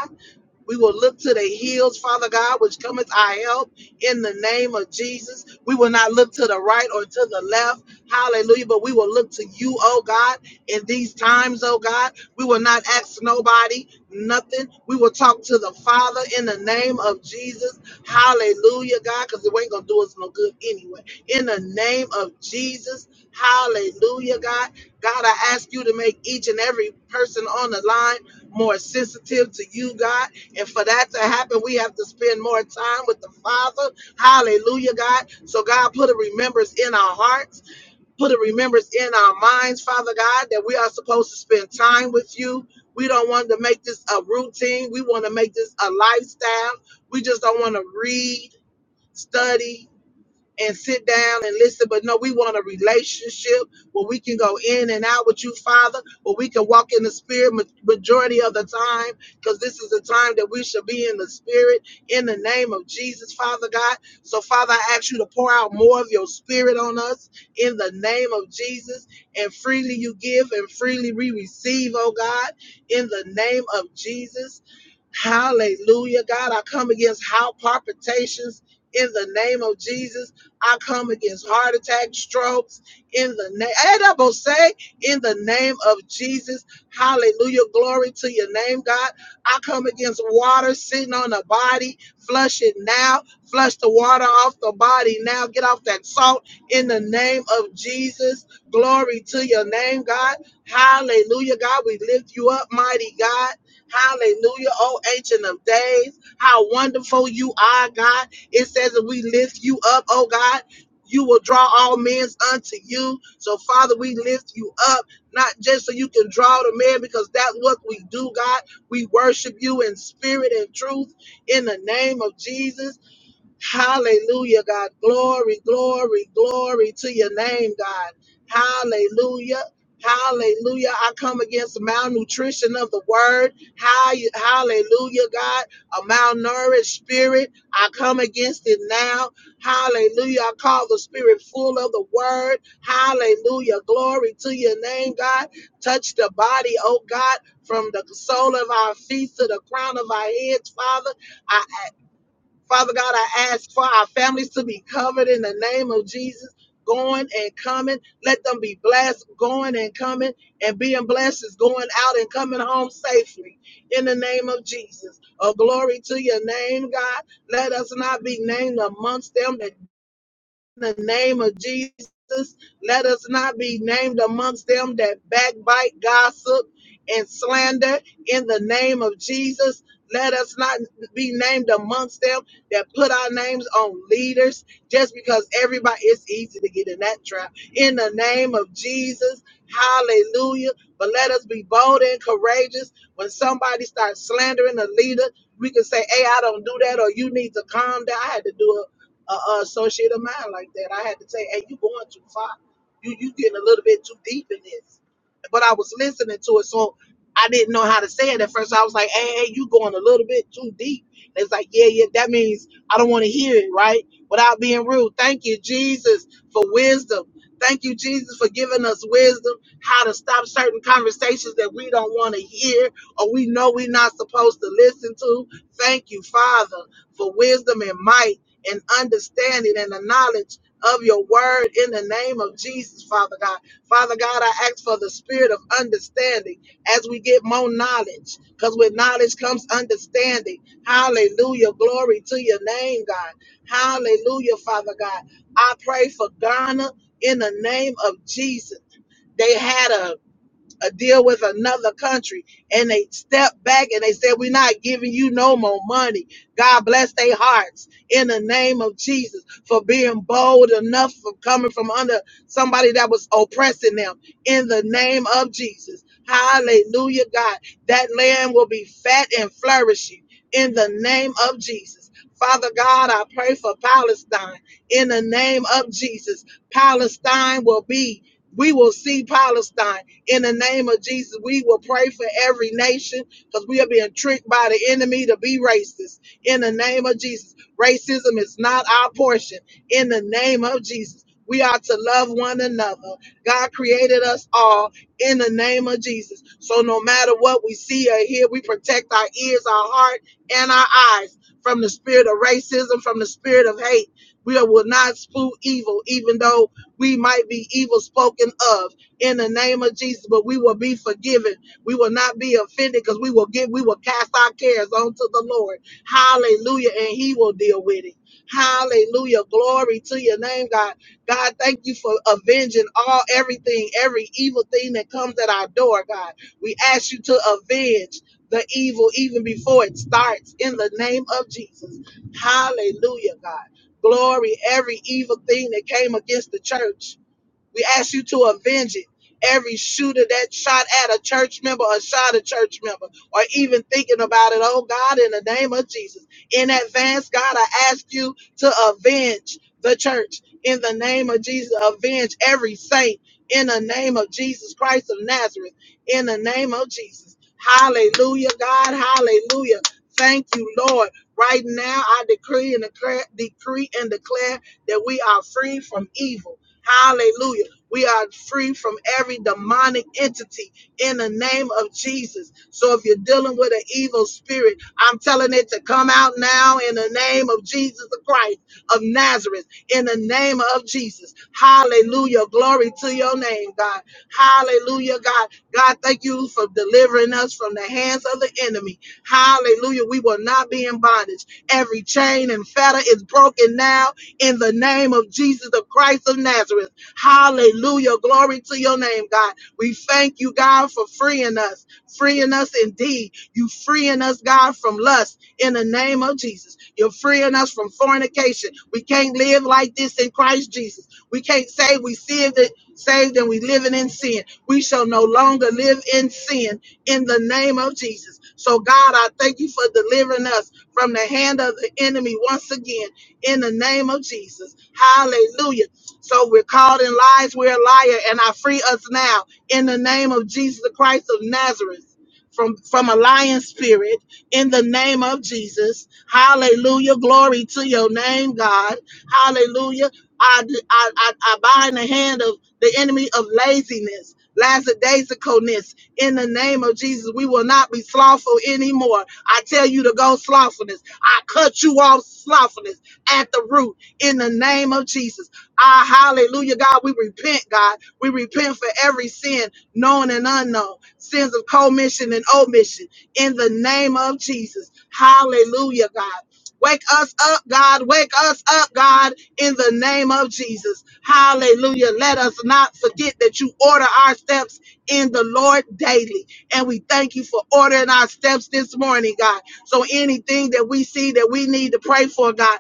[SPEAKER 2] We will look to the hills, Father God, which cometh our help in the name of Jesus. We will not look to the right or to the left. Hallelujah. But we will look to you, oh God, in these times, oh God. We will not ask nobody nothing. We will talk to the Father in the name of Jesus. Hallelujah, God, because it ain't going to do us no good anyway. In the name of Jesus. Hallelujah, God. God, I ask you to make each and every person on the line more sensitive to you, God and for that to happen, we have to spend more time with the Father. Hallelujah, God. So, God, put a remembrance in our hearts, put a remembrance in our minds, Father God, that we are supposed to spend time with you. We don't want to make this a routine, we want to make this a lifestyle. We just don't want to read, study, and sit down and listen. But no, we want a relationship where we can go in and out with you, Father, where we can walk in the Spirit ma- majority of the time, because this is the time that we should be in the Spirit in the name of Jesus, Father God. So, Father, I ask you to pour out more of your Spirit on us in the name of Jesus, and freely you give and freely we receive, oh God, in the name of Jesus. Hallelujah. God, I come against how palpitations in the name of Jesus. I come against heart attacks, strokes in the name. say in the name of Jesus. Hallelujah. Glory to your name, God. I come against water sitting on the body. Flush it now. Flush the water off the body now. Get off that salt in the name of Jesus. Glory to your name, God. Hallelujah, God. We lift you up, mighty God. Hallelujah. Oh, ancient of days. How wonderful you are, God. It says that we lift you up, oh God. You will draw all men unto you. So, Father, we lift you up, not just so you can draw the man, because that's what we do, God. We worship you in spirit and truth in the name of Jesus. Hallelujah, God. Glory, glory, glory to your name, God. Hallelujah. Hallelujah. I come against malnutrition of the word. Hi- Hallelujah, God. A malnourished spirit. I come against it now. Hallelujah. I call the spirit full of the word. Hallelujah. Glory to your name, God. Touch the body, oh God, from the sole of our feet to the crown of our heads, Father. I. Father God, I ask for our families to be covered in the name of Jesus, going and coming. Let them be blessed, going and coming, and being blessed is going out and coming home safely in the name of Jesus. Oh, glory to your name, God. Let us not be named amongst them that the name of Jesus. Let us not be named amongst them that backbite, gossip, and slander in the name of Jesus. Let us not be named amongst them that put our names on leaders just because everybody, it's easy to get in that trap. In the name of Jesus, hallelujah. But let us be bold and courageous. When somebody starts slandering a leader, we can say, hey, I don't do that, or you need to calm down. I had to do it a, a associate of mine like that. I had to say, "Hey, you going too far. You you getting a little bit too deep in this." But I was listening to it, so I didn't know how to say it at first. I was like, "Hey, hey you going a little bit too deep." And it's like, "Yeah, yeah, that means I don't want to hear it, right?" Without being rude. Thank you, Jesus, for wisdom. Thank you, Jesus, for giving us wisdom how to stop certain conversations that we don't want to hear or we know we're not supposed to listen to. Thank you, Father, for wisdom and might and understanding and the knowledge of your word in the name of Jesus, Father God. Father God, I ask for the spirit of understanding as we get more knowledge, because with knowledge comes understanding. Hallelujah. Glory to your name, God. Hallelujah, Father God. I pray for Ghana in the name of Jesus. They had a a deal with another country and they stepped back and they said, We're not giving you no more money. God bless their hearts in the name of Jesus for being bold enough for coming from under somebody that was oppressing them in the name of Jesus. Hallelujah, God. That land will be fat and flourishing in the name of Jesus. Father God, I pray for Palestine in the name of Jesus. Palestine will be, we will see Palestine in the name of Jesus, we will pray for every nation because we are being tricked by the enemy to be racist. In the name of Jesus, racism is not our portion. In the name of Jesus, we are to love one another. God created us all in the name of Jesus. So no matter what we see or hear, we protect our ears, our heart, and our eyes from the spirit of racism, from the spirit of hate. We will not spew evil, even though we might be evil spoken of in the name of Jesus. But we will be forgiven. We will not be offended because we will give, we will cast our cares onto the Lord. Hallelujah. And He will deal with it. Hallelujah. Glory to your name, God. God, thank you for avenging all everything, every evil thing that comes at our door, God. We ask you to avenge the evil even before it starts in the name of Jesus. Hallelujah, God. Glory, every evil thing that came against the church. We ask you to avenge it. Every shooter that shot at a church member or shot a church member or even thinking about it, oh God, in the name of Jesus. In advance, God, I ask you to avenge the church in the name of Jesus. Avenge every saint in the name of Jesus Christ of Nazareth. In the name of Jesus. Hallelujah, God. Hallelujah. Thank you, Lord. Right now, I decree and declare, decree and declare that we are free from evil Hallelujah. We are free from every demonic entity in the name of Jesus. So if you're dealing with an evil spirit, I'm telling it to come out now in the name of Jesus the Christ of Nazareth, in the name of Jesus. Hallelujah. Glory to your name, God. Hallelujah, God. God, thank you for delivering us from the hands of the enemy. Hallelujah. We will not be in bondage. Every chain and fetter is broken now in the name of Jesus, the Christ of Nazareth. Hallelujah. Glory to your name, God. We thank you, God, for freeing us, freeing us indeed. You freeing us, God, from lust in the name of Jesus. You're freeing us from fornication. We can't live like this in Christ Jesus. We can't say we saved it, saved and we living in sin. We shall no longer live in sin in the name of Jesus. So, God, I thank you for delivering us from the hand of the enemy once again in the name of Jesus. Hallelujah. So we're called in lies, we're a liar, and I free us now in the name of Jesus Christ of Nazareth. From, from a lying spirit in the name of Jesus. Hallelujah. Glory to your name, God. Hallelujah. I, I, I, I bind the hand of the enemy of laziness, lackadaisicalness in the name of Jesus. We will not be slothful anymore. I tell you to go slothfulness. I cut you off slothfulness at the root in the name of Jesus. Ah, hallelujah, God. We repent, God. We repent for every sin, known and unknown, sins of commission and omission in the name of Jesus. Hallelujah, God. Wake us up, God. Wake us up, God, in the name of Jesus. Hallelujah. Let us not forget that you order our steps in the Lord daily. And we thank you for ordering our steps this morning, God. So anything that we see that we need to pray for, God.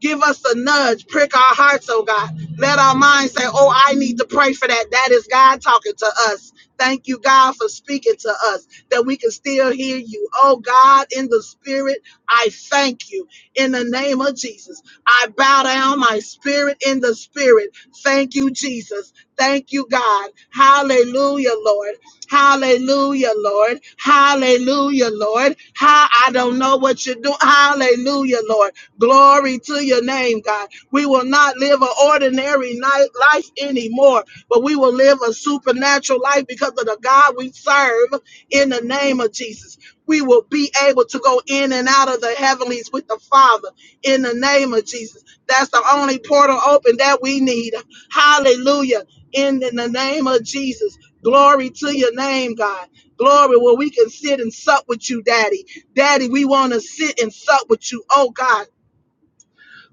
[SPEAKER 2] Give us a nudge, prick our hearts, oh God. Let our minds say, oh, I need to pray for that. That is God talking to us. Thank you, God, for speaking to us that we can still hear you. Oh, God, in the spirit, I thank you. In the name of Jesus, I bow down my spirit in the spirit. Thank you, Jesus. Thank you, God. Hallelujah, Lord. Hallelujah, Lord. Hallelujah, Lord. How I don't know what you're doing. Hallelujah, Lord. Glory to your name, God. We will not live an ordinary night life anymore, but we will live a supernatural life because of the God we serve in the name of Jesus. We will be able to go in and out of the heavenlies with the Father in the name of Jesus. That's the only portal open that we need. Hallelujah. In the name of Jesus. Glory to your name, God. Glory where we can sit and sup with you, Daddy. Daddy, we want to sit and sup with you. Oh God.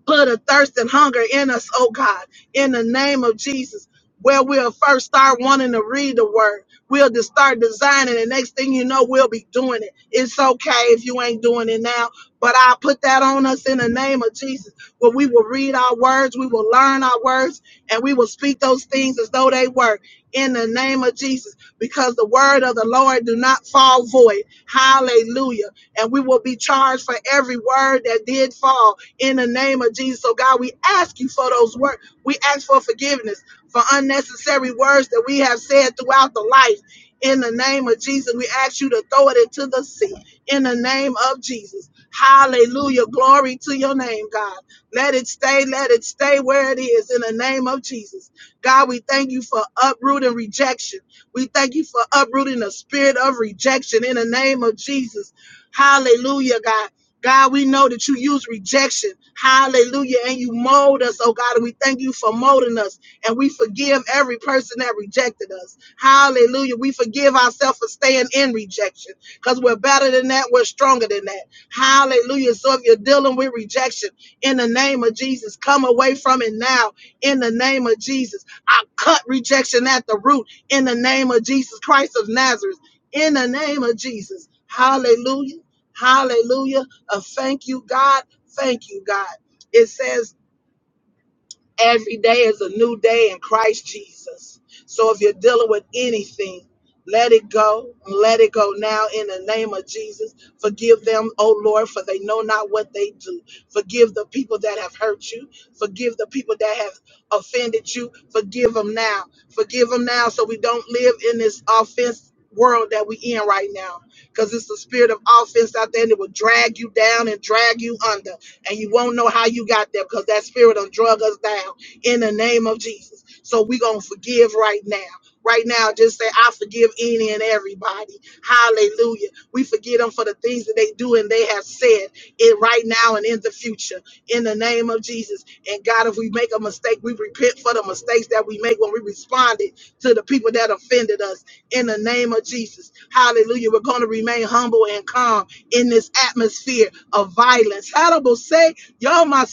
[SPEAKER 2] Put a thirst and hunger in us, oh God, in the name of Jesus, where we'll first start wanting to read the word. We'll just start designing. The next thing you know, we'll be doing it. It's okay if you ain't doing it now, but I put that on us in the name of Jesus, where we will read our words, we will learn our words, and we will speak those things as though they were in the name of Jesus, because the word of the Lord do not fall void. Hallelujah. And we will be charged for every word that did fall in the name of Jesus. So, God, we ask you for those words. We ask for forgiveness for unnecessary words that we have said throughout the life. In the name of Jesus, we ask you to throw it into the sea. In the name of Jesus. Hallelujah. Glory to your name, God. Let it stay, let it stay where it is in the name of Jesus. God, we thank you for uprooting rejection. We thank you for uprooting the spirit of rejection in the name of Jesus. Hallelujah, God. God, we know that you use rejection. Hallelujah. And you mold us, oh God. And we thank you for molding us. And we forgive every person that rejected us. Hallelujah. We forgive ourselves for staying in rejection because we're better than that. We're stronger than that. Hallelujah. So if you're dealing with rejection in the name of Jesus, come away from it now in the name of Jesus. I cut rejection at the root in the name of Jesus Christ of Nazareth. In the name of Jesus. Hallelujah. Hallelujah of thank you, God, thank you, God. It says Every day is a new day in Christ Jesus. So if you're dealing with anything, let it go. Let it go now in the name of Jesus. Forgive them, O Lord, for they know not what they do. Forgive the people that have hurt you. Forgive the people that have offended you. Forgive them now. Forgive them now so we don't live in this offense world that we in right now. Because it's the spirit of offense out there that will drag you down and drag you under and you won't know how you got there because that spirit will drug us down in the name of Jesus. So we're going to forgive right now. Right now, just say, I forgive any and everybody. Hallelujah. We forgive them for the things that they do and they have said it right now and in the future. In the name of Jesus. And God, if we make a mistake, we repent for the mistakes that we make when we responded to the people that offended us in the name of Jesus. Hallelujah. We're going to remain humble and calm in this atmosphere of violence. Hannibal say, Yo, my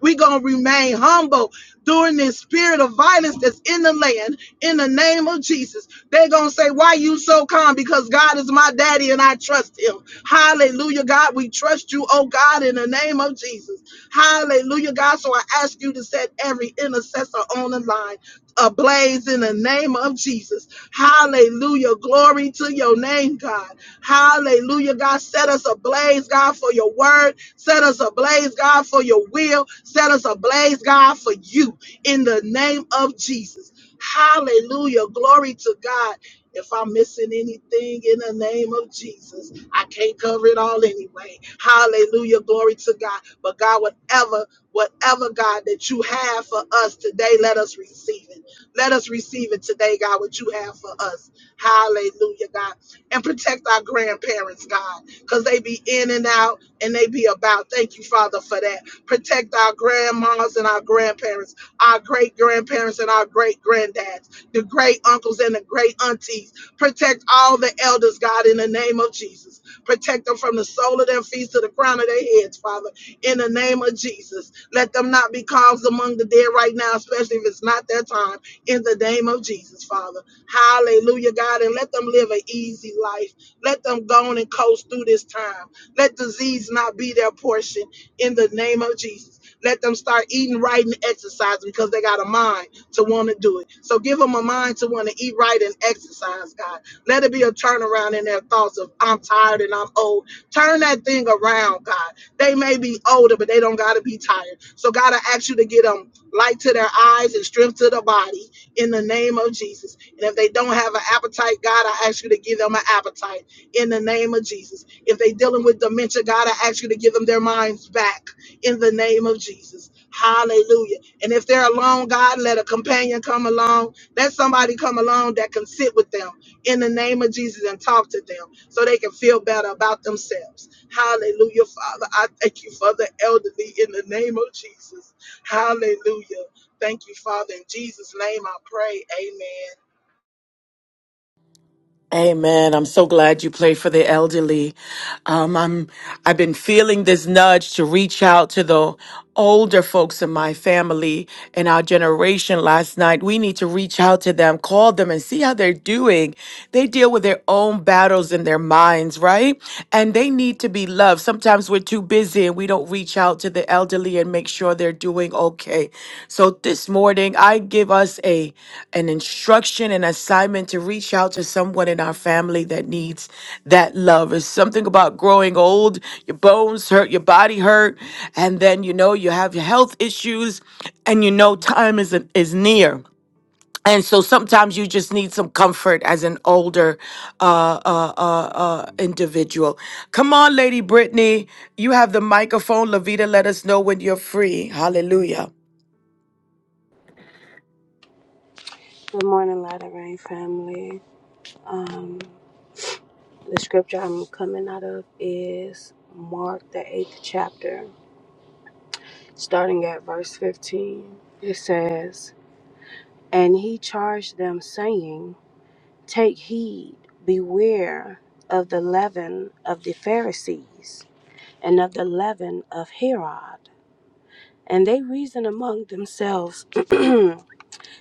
[SPEAKER 2] we're going to remain humble during this spirit of violence that's in the land in the name of Jesus. They're going to say, Why you so calm? Because God is my daddy and I trust him. Hallelujah, God. We trust you, oh God, in the name of Jesus. Hallelujah, God. So I ask you to set every intercessor on the line ablaze in the name of Jesus. Hallelujah. Glory to your name, God. Hallelujah, God. Set us ablaze, God, for your word. Set us ablaze, God, for your will. Set us ablaze, God, for you in the name of Jesus. Hallelujah. Glory to God. If I'm missing anything in the name of Jesus, I can't cover it all anyway. Hallelujah. Glory to God. But God, whatever, whatever God that you have for us today, let us receive it. Let us receive it today, God, what you have for us. Hallelujah, God. And protect our grandparents, God, because they be in and out and they be about. Thank you, Father, for that. Protect our grandmas and our grandparents, our great grandparents and our great granddad the great uncles and the great aunties. Protect all the elders, God, in the name of Jesus. Protect them from the sole of their feet to the crown of their heads, Father, in the name of Jesus. Let them not be caused among the dead right now, especially if it's not their time, in the name of Jesus, Father. Hallelujah, God, and let them live an easy life. Let them go on and coast through this time. Let disease not be their portion in the name of Jesus. Let them start eating right and exercising because they got a mind to want to do it. So give them a mind to want to eat right and exercise, God. Let it be a turnaround in their thoughts of I'm tired and I'm old. Turn that thing around, God. They may be older, but they don't gotta be tired. So God, I ask you to get them light to their eyes and strength to the body in the name of Jesus. And if they don't have an appetite, God, I ask you to give them an appetite in the name of Jesus. If they dealing with dementia, God, I ask you to give them their minds back in the name of Jesus. Hallelujah. And if they're alone, God, let a companion come along. Let somebody come along that can sit with them in the name of Jesus and talk to them so they can feel better about themselves. Hallelujah, Father. I thank you for the elderly in the name of Jesus. Hallelujah. Thank you, Father. In Jesus' name I pray. Amen.
[SPEAKER 1] Amen. I'm so glad you played for the elderly. Um, I'm I've been feeling this nudge to reach out to the older folks in my family and our generation last night. We need to reach out to them, call them and see how they're doing. They deal with their own battles in their minds, right? And they need to be loved. Sometimes we're too busy and we and we don't reach out to the elderly and make sure they're doing okay. So this morning, I give us a an instruction, an assignment to reach out to someone in our family that needs that love. It's something about growing old, your bones hurt, your body hurt, and then you know you have health issues, and you know time is is near and so sometimes you just need some comfort as an older uh, uh, uh, uh, individual. Come on, Lady Brittany, you have the microphone. Lavita, let us know when you're free. Hallelujah.
[SPEAKER 3] Good morning, Light of Rain family. Um, the scripture I'm coming out of is Mark, the eighth chapter, starting at verse 15. It says, And he charged them, saying, Take heed, beware of the leaven of the Pharisees and of the leaven of Herod. And they reasoned among themselves, [CLEARS THROAT]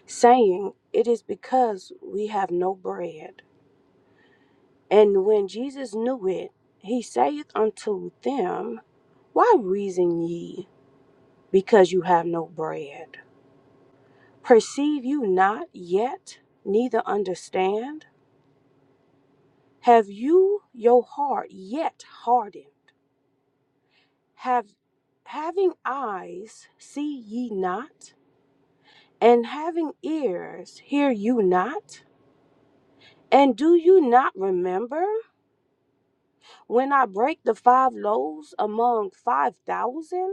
[SPEAKER 3] saying, It is because we have no bread. And when Jesus knew it, he saith unto them, Why reason ye, because you have no bread? Perceive you not yet, neither understand? Have you your heart yet hardened? Have having eyes see ye not, and having ears hear you not? And do you not remember when I break the five loaves among five thousand?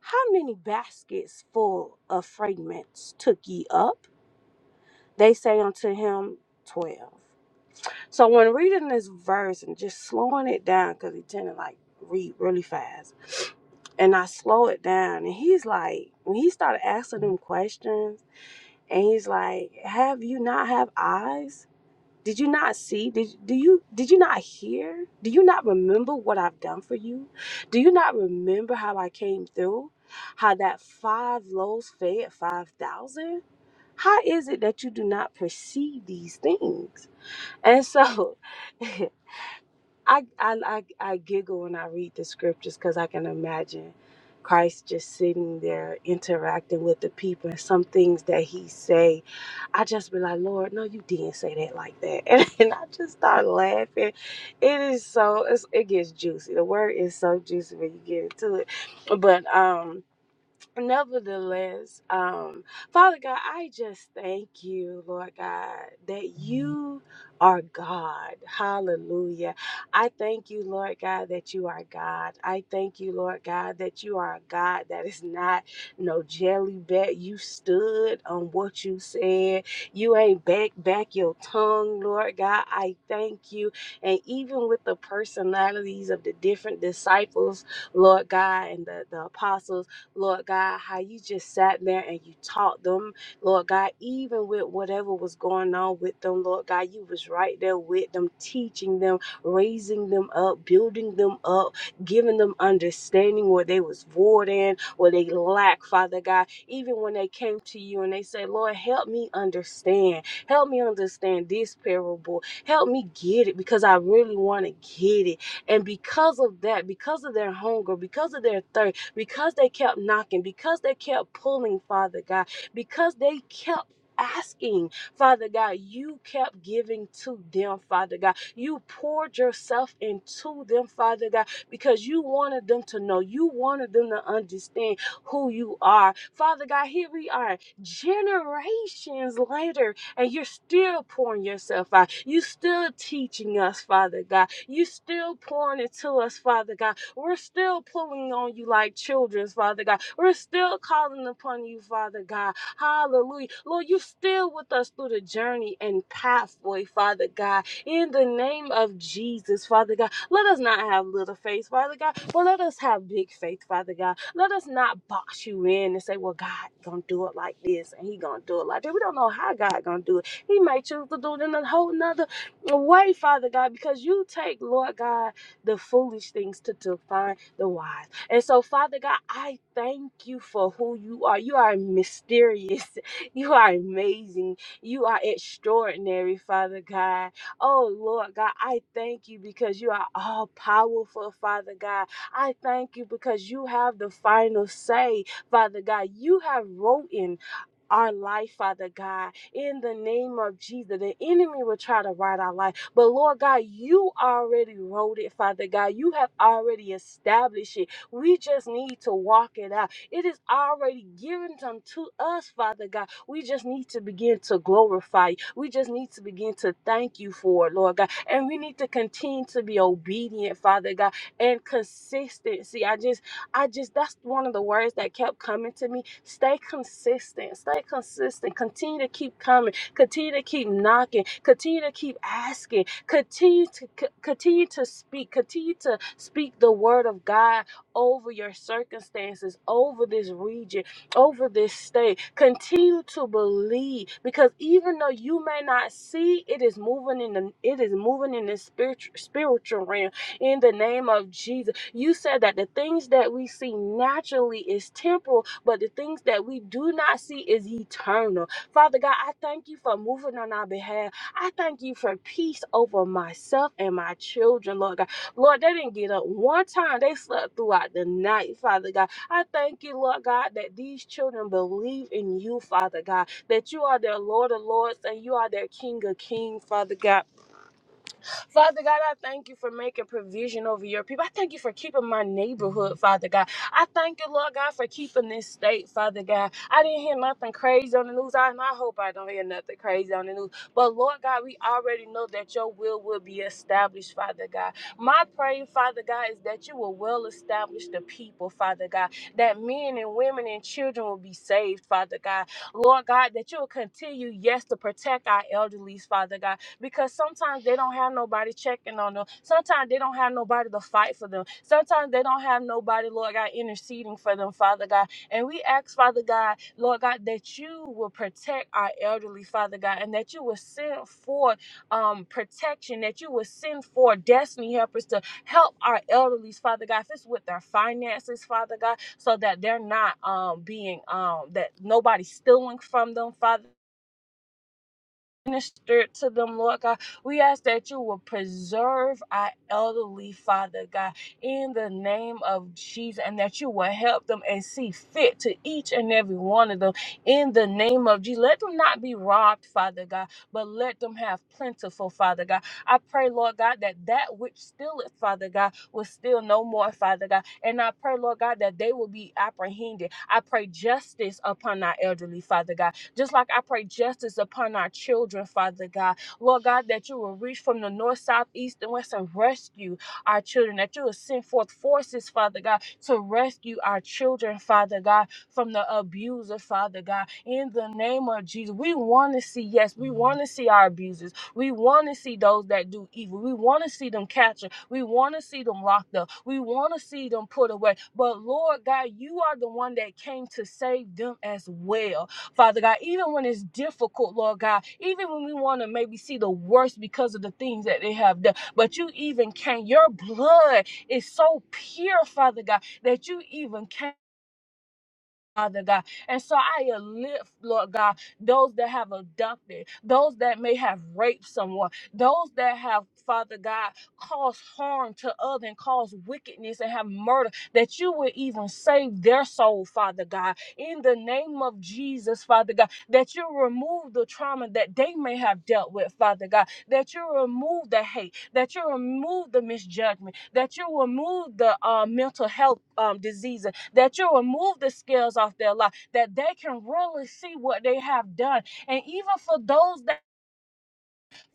[SPEAKER 3] How many baskets full of fragments took ye up? They say unto him, Twelve. So when reading this verse and just slowing it down, because he tend to like read really fast, and I slow it down, and he's like, when he started asking them questions, and he's like, Have you not have eyes? Did you not see? Did do you did you not hear? Do you not remember what I've done for you? Do you not remember how I came through? How that five loaves fed five thousand? How is it that you do not perceive these things? And so [LAUGHS] I I I, I giggle when I read the scriptures because I can imagine Christ just sitting there interacting with the people and some things that he say. I just be like, Lord, no, you didn't say that like that, [LAUGHS] and, I just start laughing. It is so it's, it gets juicy. The word is so juicy when you get into it, but um. Nevertheless, um, Father God, I just thank you, Lord God, that you are God. Hallelujah. I thank you, Lord God, that you are God. I thank you, Lord God, that you are a God that is not no jelly bet. You stood on what you said. You ain't back back your tongue, Lord God. I thank you. And even with the personalities of the different disciples, Lord God, and the, the apostles. Lord God, how you just sat there and you taught them, Lord God, even with whatever was going on with them, Lord God, you was right there with them, teaching them, raising them up, building them up, giving them understanding where they was void in, where they lack, Father God. Even when they came to you and they said, Lord, help me understand. Help me understand this parable. Help me get it because I really want to get it. And because of that, because of their hunger, because of their thirst, because they kept knocking, because they kept pulling, Father God, because they kept asking, Father God, you kept giving to them, Father God. You poured yourself into them, Father God, because you wanted them to know, you wanted them to understand who you are. Father God, here we are, generations later, and you're still pouring yourself out. You still teaching us, Father God. You still pouring into us, Father God we're still pulling on you like children, Father God. We're still calling upon you, Father God. Hallelujah. Lord, you are still with us through the journey and pathway, Father God. In the name of Jesus, Father God. Let us not have little faith, Father God, but let us have big faith, Father God. Let us not box you in and say, well, God gonna do it like this and he gonna do it like that. We don't know how God gonna do it. He might choose to do it in a whole nother way, Father God, because you take, Lord God, the foolish things to define the wise. And so, Father God, I thank you for who you are. You are mysterious. [LAUGHS] You are amazing. You are extraordinary, Father God. Oh, Lord God, I thank you because you are all powerful, Father God. I thank you because you have the final say, Father God. You have written our life, Father God, in the name of Jesus. The enemy will try to write our life, but Lord God, you already wrote it, Father God. You have already established it. We just need to walk it out. It is already given unto us, Father God. We just need to begin to glorify you. We just need to begin to thank you for it, Lord God. And we need to continue to be obedient, Father God, and consistency. I just I just, that's one of the words that kept coming to me. Stay consistent. Stay consistent. Continue to keep coming. Continue to keep knocking. Continue to keep asking. Continue to c- continue to speak. Continue to speak the word of God over your circumstances, over this region, over this state. Continue to believe because even though you may not see, it is moving in the it is moving in the spiritual spiritual realm in the name of Jesus. You said that the things that we see naturally is temporal, but the things that we do not see is eternal. Father God, I thank you for moving on our behalf. I thank you for peace over myself and my children, Lord God. Lord, they didn't get up one time. They slept throughout the night, Father God. I thank you, Lord God, that these children believe in you, Father God, that you are their Lord of Lords and you are their King of Kings, Father God. Father God, I thank you for making provision over your people. I thank you for keeping my neighborhood, Father God. I thank you, Lord God, for keeping this state, Father God. I didn't hear nothing crazy on the news, I- and I hope I don't hear nothing crazy on the news. But Lord God, we already know that your will will be established, Father God. My prayer, Father God, is that you will well establish the people, Father God, that men and women and children will be saved, Father God. Lord God, that you will continue, yes, to protect our elderly, Father God because sometimes they don't have nobody checking on them. Sometimes they don't have nobody to fight for them. Sometimes they don't have nobody, Lord God, interceding for them, Father God. And we ask, Father God, Lord God, that you will protect our elderly, Father God, and that you will send forth um, protection, that you will send forth destiny helpers to help our elderly, Father God, if it's with their finances, Father God, so that they're not um, being, um, that nobody's stealing from them, Father ministered to them, Lord God. We ask that you will preserve our elderly, Father God, in the name of Jesus, and that you will help them and see fit to each and every one of them in the name of Jesus. Let them not be robbed, Father God, but let them have plentiful, Father God. I pray, Lord God, that that which stealeth, Father God, will steal no more, Father God. And I pray, Lord God, that they will be apprehended. I pray justice upon our elderly, Father God. Just like I pray justice upon our children, Father God. Lord God, that you will reach from the north, south, east, and west and rescue our children. That you will send forth forces, Father God, to rescue our children, Father God, from the abuser, Father God. In the name of Jesus, we want to see, yes, we want to see our abusers. We want to see those that do evil. We want to see them captured. We want to see them locked up. We want to see them put away. But Lord God, you are the one that came to save them as well. Father God, even when it's difficult, Lord God, even when we want to maybe see the worst because of the things that they have done, but you even came. Your blood is so pure, Father God, that you even came. Father God. And so I lift, Lord God, those that have abducted, those that may have raped someone, those that have, Father God, caused harm to others and caused wickedness and have murder, that you would even save their soul, Father God. In the name of Jesus, Father God, that you remove the trauma that they may have dealt with, Father God, that you remove the hate, that you remove the misjudgment, that you remove the uh, mental health um, diseases, that you remove the scales off their life, that they can really see what they have done. And even for those that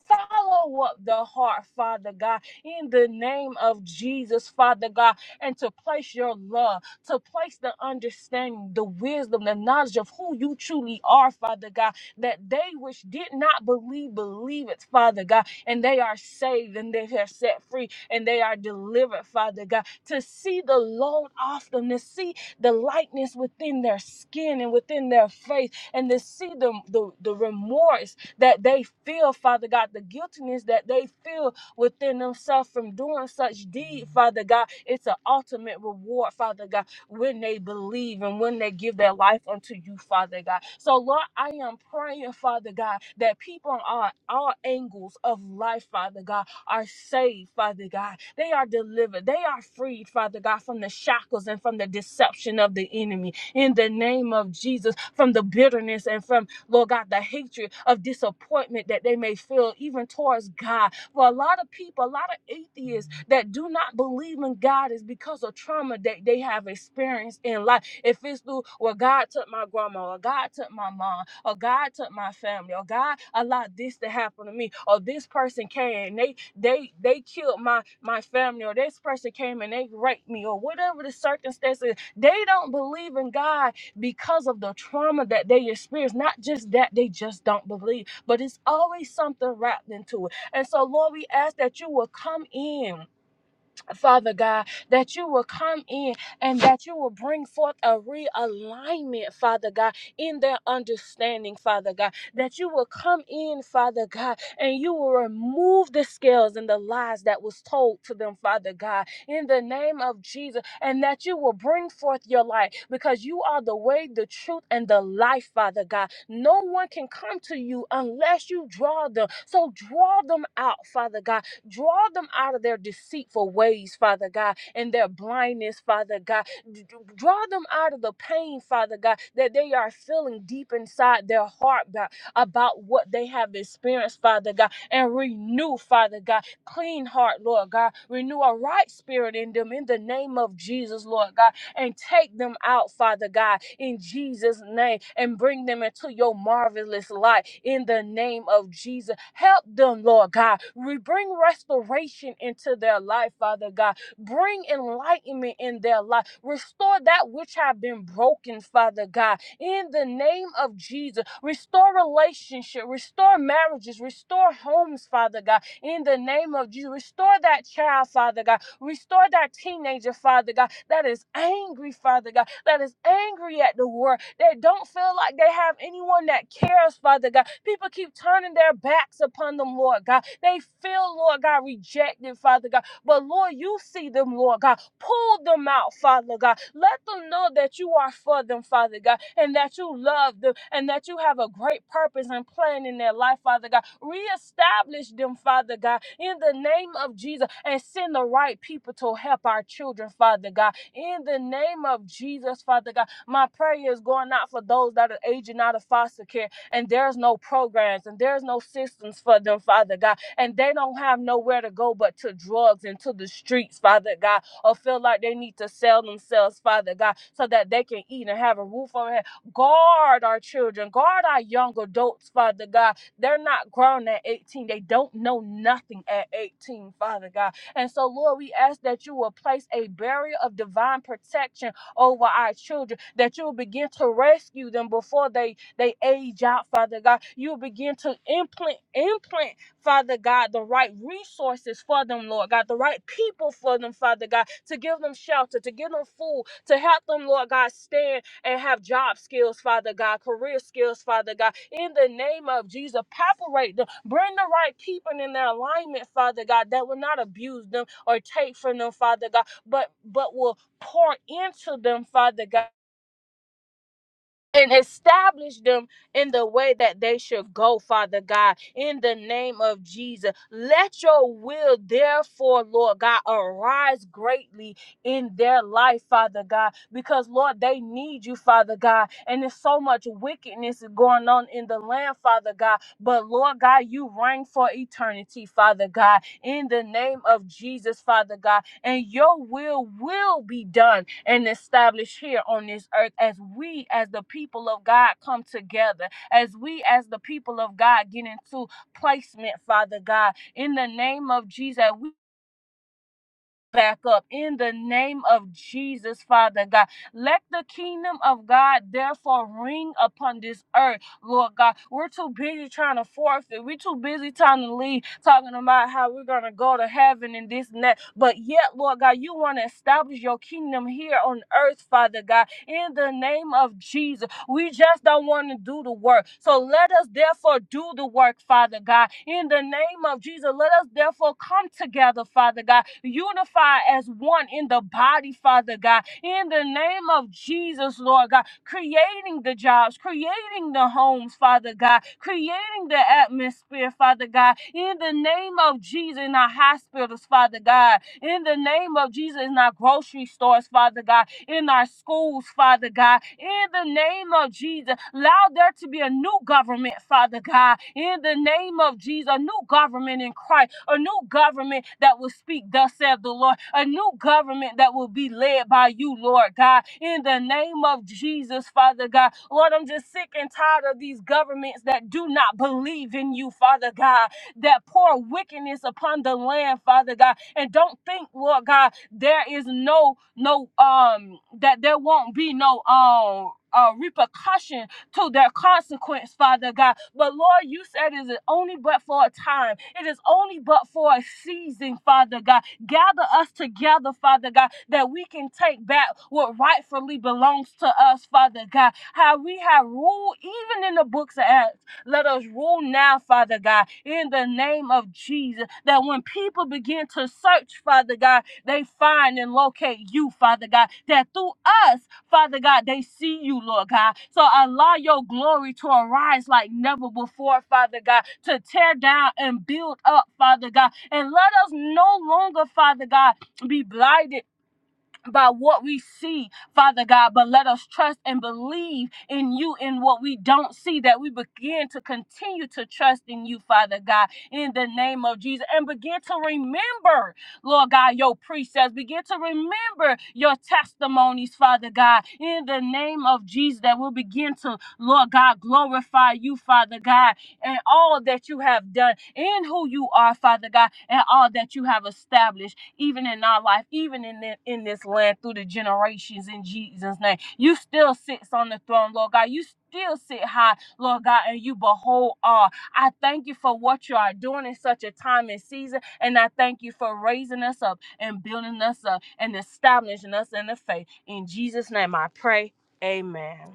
[SPEAKER 3] Follow up the heart, Father God, in the name of Jesus, Father God, and to place your love, to place the understanding, the wisdom, the knowledge of who you truly are, Father God, that they which did not believe, believe it, Father God, and they are saved and they are set free and they are delivered, Father God, to see the load off them, to see the lightness within their skin and within their face, and to see the, the, the remorse that they feel, Father God, the guiltiness that they feel within themselves from doing such deed, Father God. It's an ultimate reward, Father God, when they believe and when they give their life unto you, Father God. So, Lord, I am praying, Father God, that people on all, all angles of life, Father God, are saved, Father God. They are delivered. They are freed, Father God, from the shackles and from the deception of the enemy. In the name of Jesus, from the bitterness and from Lord God, the hatred of disappointment that they may feel even towards God. For a lot of people, a lot of atheists that do not believe in God is because of trauma that they have experienced in life. If it's through, well, God took my grandma, or God took my mom, or God took my family, or God allowed this to happen to me, or this person came and they they they killed my my family, or this person came and they raped me, or whatever the circumstances. They don't believe in God because of the trauma that they experience. Not just that they just don't believe, but it's always something wrapped into it. And so, Lord, we ask that you will come in Father God, that you will come in and that you will bring forth a realignment, Father God, in their understanding, Father God, that you will come in, Father God, and you will remove the scales and the lies that was told to them, Father God, in the name of Jesus, and that you will bring forth your light because you are the way, the truth, and the life, Father God. No one can come to you unless you draw them. So draw them out, Father God Draw them out of their deceitful ways, Father God, and their blindness, Father God. D- Draw them out of the pain, Father God, that they are feeling deep inside their heart God, about what they have experienced, Father God, and renew, Father God, clean heart, Lord God. Renew a right spirit in them in the name of Jesus, Lord God and take them out, Father God, in Jesus' name, and bring them into your marvelous light in the name of Jesus. Help them, Lord God. We bring restoration into their life, Father God. Bring enlightenment in their life. Restore that which have been broken, Father God. In the name of Jesus, restore relationship, restore marriages, restore homes, Father God. In the name of Jesus, restore that child, Father God Restore that teenager, Father God, that is angry, Father God, that is angry at the world, They don't feel like they have anyone that cares, Father God. People keep turning their backs upon them, Lord God. They feel, Lord God, rejected, Father God. But Lord, you see them, Lord God. Pull them out, Father God. Let them know that you are for them, Father God, and that you love them and that you have a great purpose and plan in their life, Father God. Reestablish them, Father God, in the name of Jesus and send the right people to help our children, Father God. In the name of Jesus, Father God, my prayer is going out for those that are aging out of foster care and there's no programs and there's no systems for them, Father God and they don't have nowhere to go but to drugs and to the streets, Father God, or feel like they need to sell themselves, Father God, so that they can eat and have a roof over their head. Guard our children, guard our young adults, Father God. They're not grown at 18. They don't know nothing at 18, Father God. And so, Lord, we ask that you will place a barrier of divine protection over our children, that you will begin to rescue them before they they age out, Father God. You will begin to implant implant Father God, the right resources for them, Lord God, the right people for them, Father God, to give them shelter, to give them food, to help them, Lord God, stand and have job skills, Father God, career skills, Father God. In the name of Jesus, separate them, bring the right people in their alignment, Father God, that will not abuse them or take from them, Father God, but but will pour into them, Father God and establish them in the way that they should go, Father God, in the name of Jesus. Let your will, therefore, Lord God, arise greatly in their life, Father God, because, Lord, they need you, Father God. And there's so much wickedness going on in the land, Father God. But, Lord God, you reign for eternity, Father God, in the name of Jesus, Father God and your will will be done and established here on this earth as we, as the people of God, come together, as we, as the people of God, get into placement, Father God. In the name of Jesus, we back up in the name of Jesus, Father God. Let the kingdom of God therefore ring upon this earth, Lord God. We're too busy trying to forfeit. We're too busy trying to leave, talking about how we're going to go to heaven and this and that. But yet, Lord God, you want to establish your kingdom here on earth, Father God, in the name of Jesus. We just don't want to do the work. So let us therefore do the work, Father God. In the name of Jesus, let us therefore come together, Father God, unify as one in the body, Father God. In the name of Jesus, Lord God, creating the jobs, creating the homes, Father God, creating the atmosphere, Father God. In the name of Jesus, in our hospitals, Father God. In the name of Jesus, in our grocery stores, Father God in our schools, Father God. In the name of Jesus, allow there to be a new government, Father God. In the name of Jesus, a new government in Christ, a new government that will speak, thus saith the Lord, a new government that will be led by you, Lord God. In the name of Jesus, Father God. Lord, I'm just sick and tired of these governments that do not believe in you, Father God that pour wickedness upon the land, Father God, and don't think, Lord God, there is no no um that there won't be no um uh, repercussion to their consequence, Father God. But Lord, you said it is only but for a time. It is only but for a season, Father God. Gather us together, Father God, that we can take back what rightfully belongs to us, Father God. How we have ruled, even in the books of Acts, let us rule now, Father God, in the name of Jesus. That when people begin to search, Father God, they find and locate you, Father God, that through us, Father God, they see you, Lord God. So allow your glory to arise like never before, Father God, to tear down and build up, Father God. And let us no longer, Father God, be blinded by what we see, Father God, but let us trust and believe in you in what we don't see, that we begin to continue to trust in you, Father God, in the name of Jesus, and begin to remember, Lord God, your precepts, begin to remember your testimonies, Father God, in the name of Jesus, that we'll begin to, Lord God, glorify you, Father God, and all that you have done in who you are, Father God, and all that you have established even in our life, even in the, in this land through the generations in Jesus' name. You still sits on the throne, Lord God. You still sit high, Lord God, and you behold all. I thank you for what you are doing in such a time and season, and I thank you for raising us up and building us up and establishing us in the faith. In Jesus' name I pray. Amen.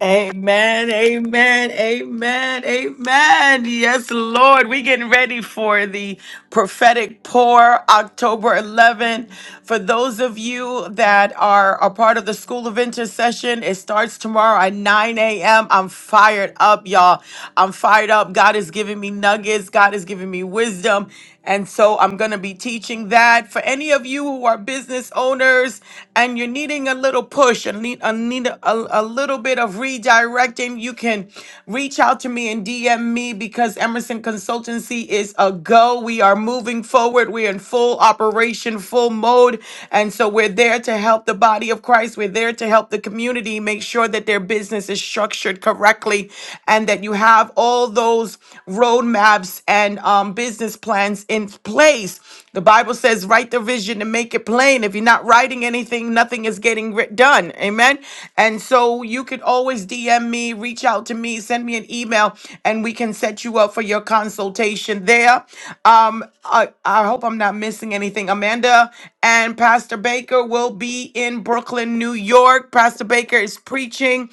[SPEAKER 1] Amen, amen, amen, amen. Yes, Lord, we getting ready for the prophetic pour October 11. For those of you that are a part of the School of Intercession, it starts tomorrow at 9 a.m. I'm fired up, y'all. I'm fired up. God is giving me nuggets. God is giving me wisdom. And so I'm going to be teaching that for any of you who are business owners and you're needing a little push and need, a, need a, a little bit of redirecting, you can reach out to me and DM me because Emerson Consultancy is a go. We are moving forward. We're in full operation, full mode. And so we're there to help the body of Christ. We're there to help the community make sure that their business is structured correctly and that you have all all those roadmaps and um, business plans in place. The Bible says, write the vision and make it plain. If you're not writing anything, nothing is getting writ- done. Amen. And so you could always DM me, reach out to me, send me an email, and we can set you up for your consultation there. Um, I, I hope I'm not missing anything. Amanda and Pastor Baker will be in Brooklyn, New York. Pastor Baker is preaching.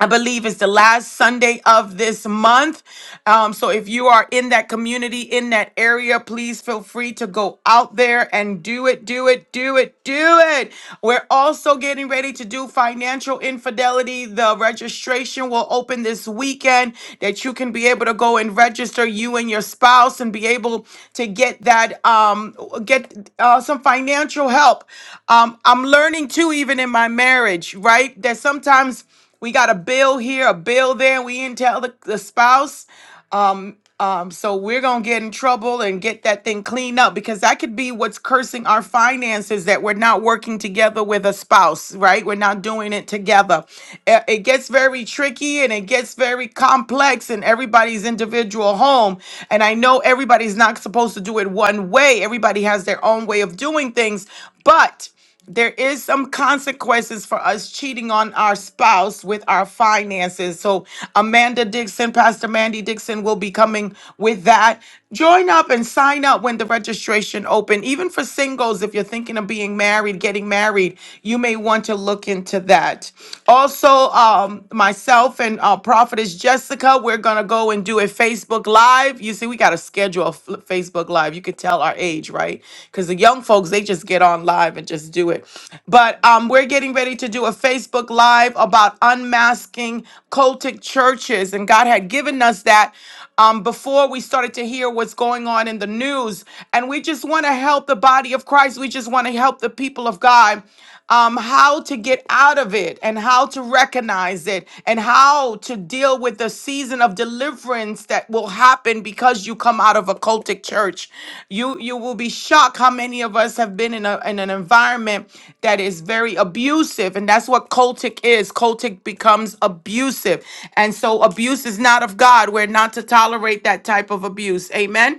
[SPEAKER 1] I believe it's the last Sunday of this month. Um, so if you are in that community, in that area, please feel free to go out there and do it, do it, do it, do it. We're also getting ready to do financial infidelity. The registration will open this weekend that you can be able to go and register you and your spouse and be able to get that, um, get uh, some financial help. Um, I'm learning too, even in my marriage, right? That sometimes we got a bill here, a bill there. We didn't tell the, the spouse. Um, um, so we're gonna get in trouble and get that thing cleaned up because that could be what's cursing our finances that we're not working together with a spouse, right? We're not doing it together. It, it gets very tricky and it gets very complex in everybody's individual home. And I know everybody's not supposed to do it one way, everybody has their own way of doing things, but there is some consequences for us cheating on our spouse with our finances. So Amanda Dixon, Pastor Mandy Dixon will be coming with that. Join up and sign up when the registration open. Even for singles, if you're thinking of being married, getting married, you may want to look into that. Also, um, myself and uh, Prophetess Jessica, we're gonna go and do a Facebook. Facebook Live, you see, we got to schedule a f- Facebook Live. You could tell our age, right? Because the young folks, they just get on live and just do it. But um, we're getting ready to do a Facebook Live about unmasking cultic churches. And God had given us that um, before we started to hear what's going on in the news. And we just want to help the body of Christ. We just want to help the people of God um, how to get out of it and how to recognize it and how to deal with the season of deliverance that will happen because you come out of a cultic church. You you will be shocked how many of us have been in a in an environment that is very abusive, and that's what cultic is. Cultic becomes abusive, and so abuse is not of God. We're not to tolerate that type of abuse. Amen.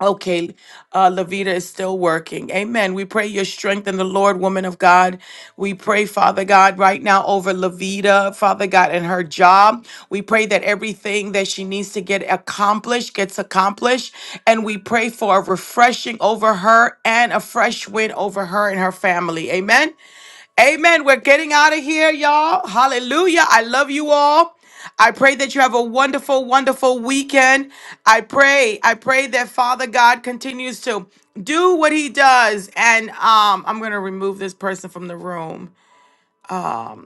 [SPEAKER 1] Okay, uh, Lavita is still working. Amen. We pray your strength in the Lord, woman of God. We pray, Father God, right now over Lavita, Father God, and her job. We pray that everything that she needs to get accomplished gets accomplished. And we pray for a refreshing over her and a fresh wind over her and her family. Amen. Amen. We're getting out of here, y'all. Hallelujah. I love you all. I pray that you have a wonderful, wonderful weekend. I pray, I pray that Father God continues to do what he does. And um, I'm gonna remove this person from the room. Um,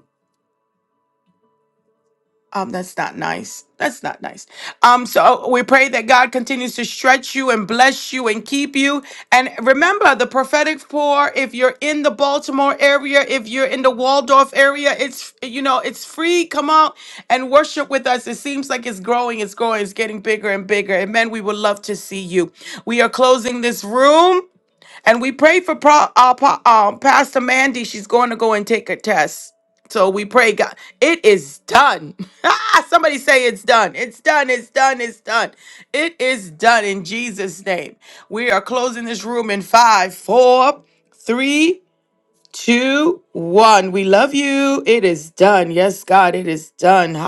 [SPEAKER 1] Um, that's not nice. That's not nice. Um, so we pray that God continues to stretch you and bless you and keep you. And remember the prophetic pour, if you're in the Baltimore area, if you're in the Waldorf area, it's you know, it's free. Come out and worship with us. It seems like it's growing, it's growing, it's getting bigger and bigger. Amen. We would love to see you. We are closing this room. And we pray for Pro, uh, Pa- um, Pastor Mandy. She's going to go and take a test. So we pray, God, it is done. [LAUGHS] Ah, Somebody say it's done. It's done. It's done. It's done. It is done in Jesus' name. We are closing this room in five, four, three, two, one. We love you. It is done. Yes, God, it is done.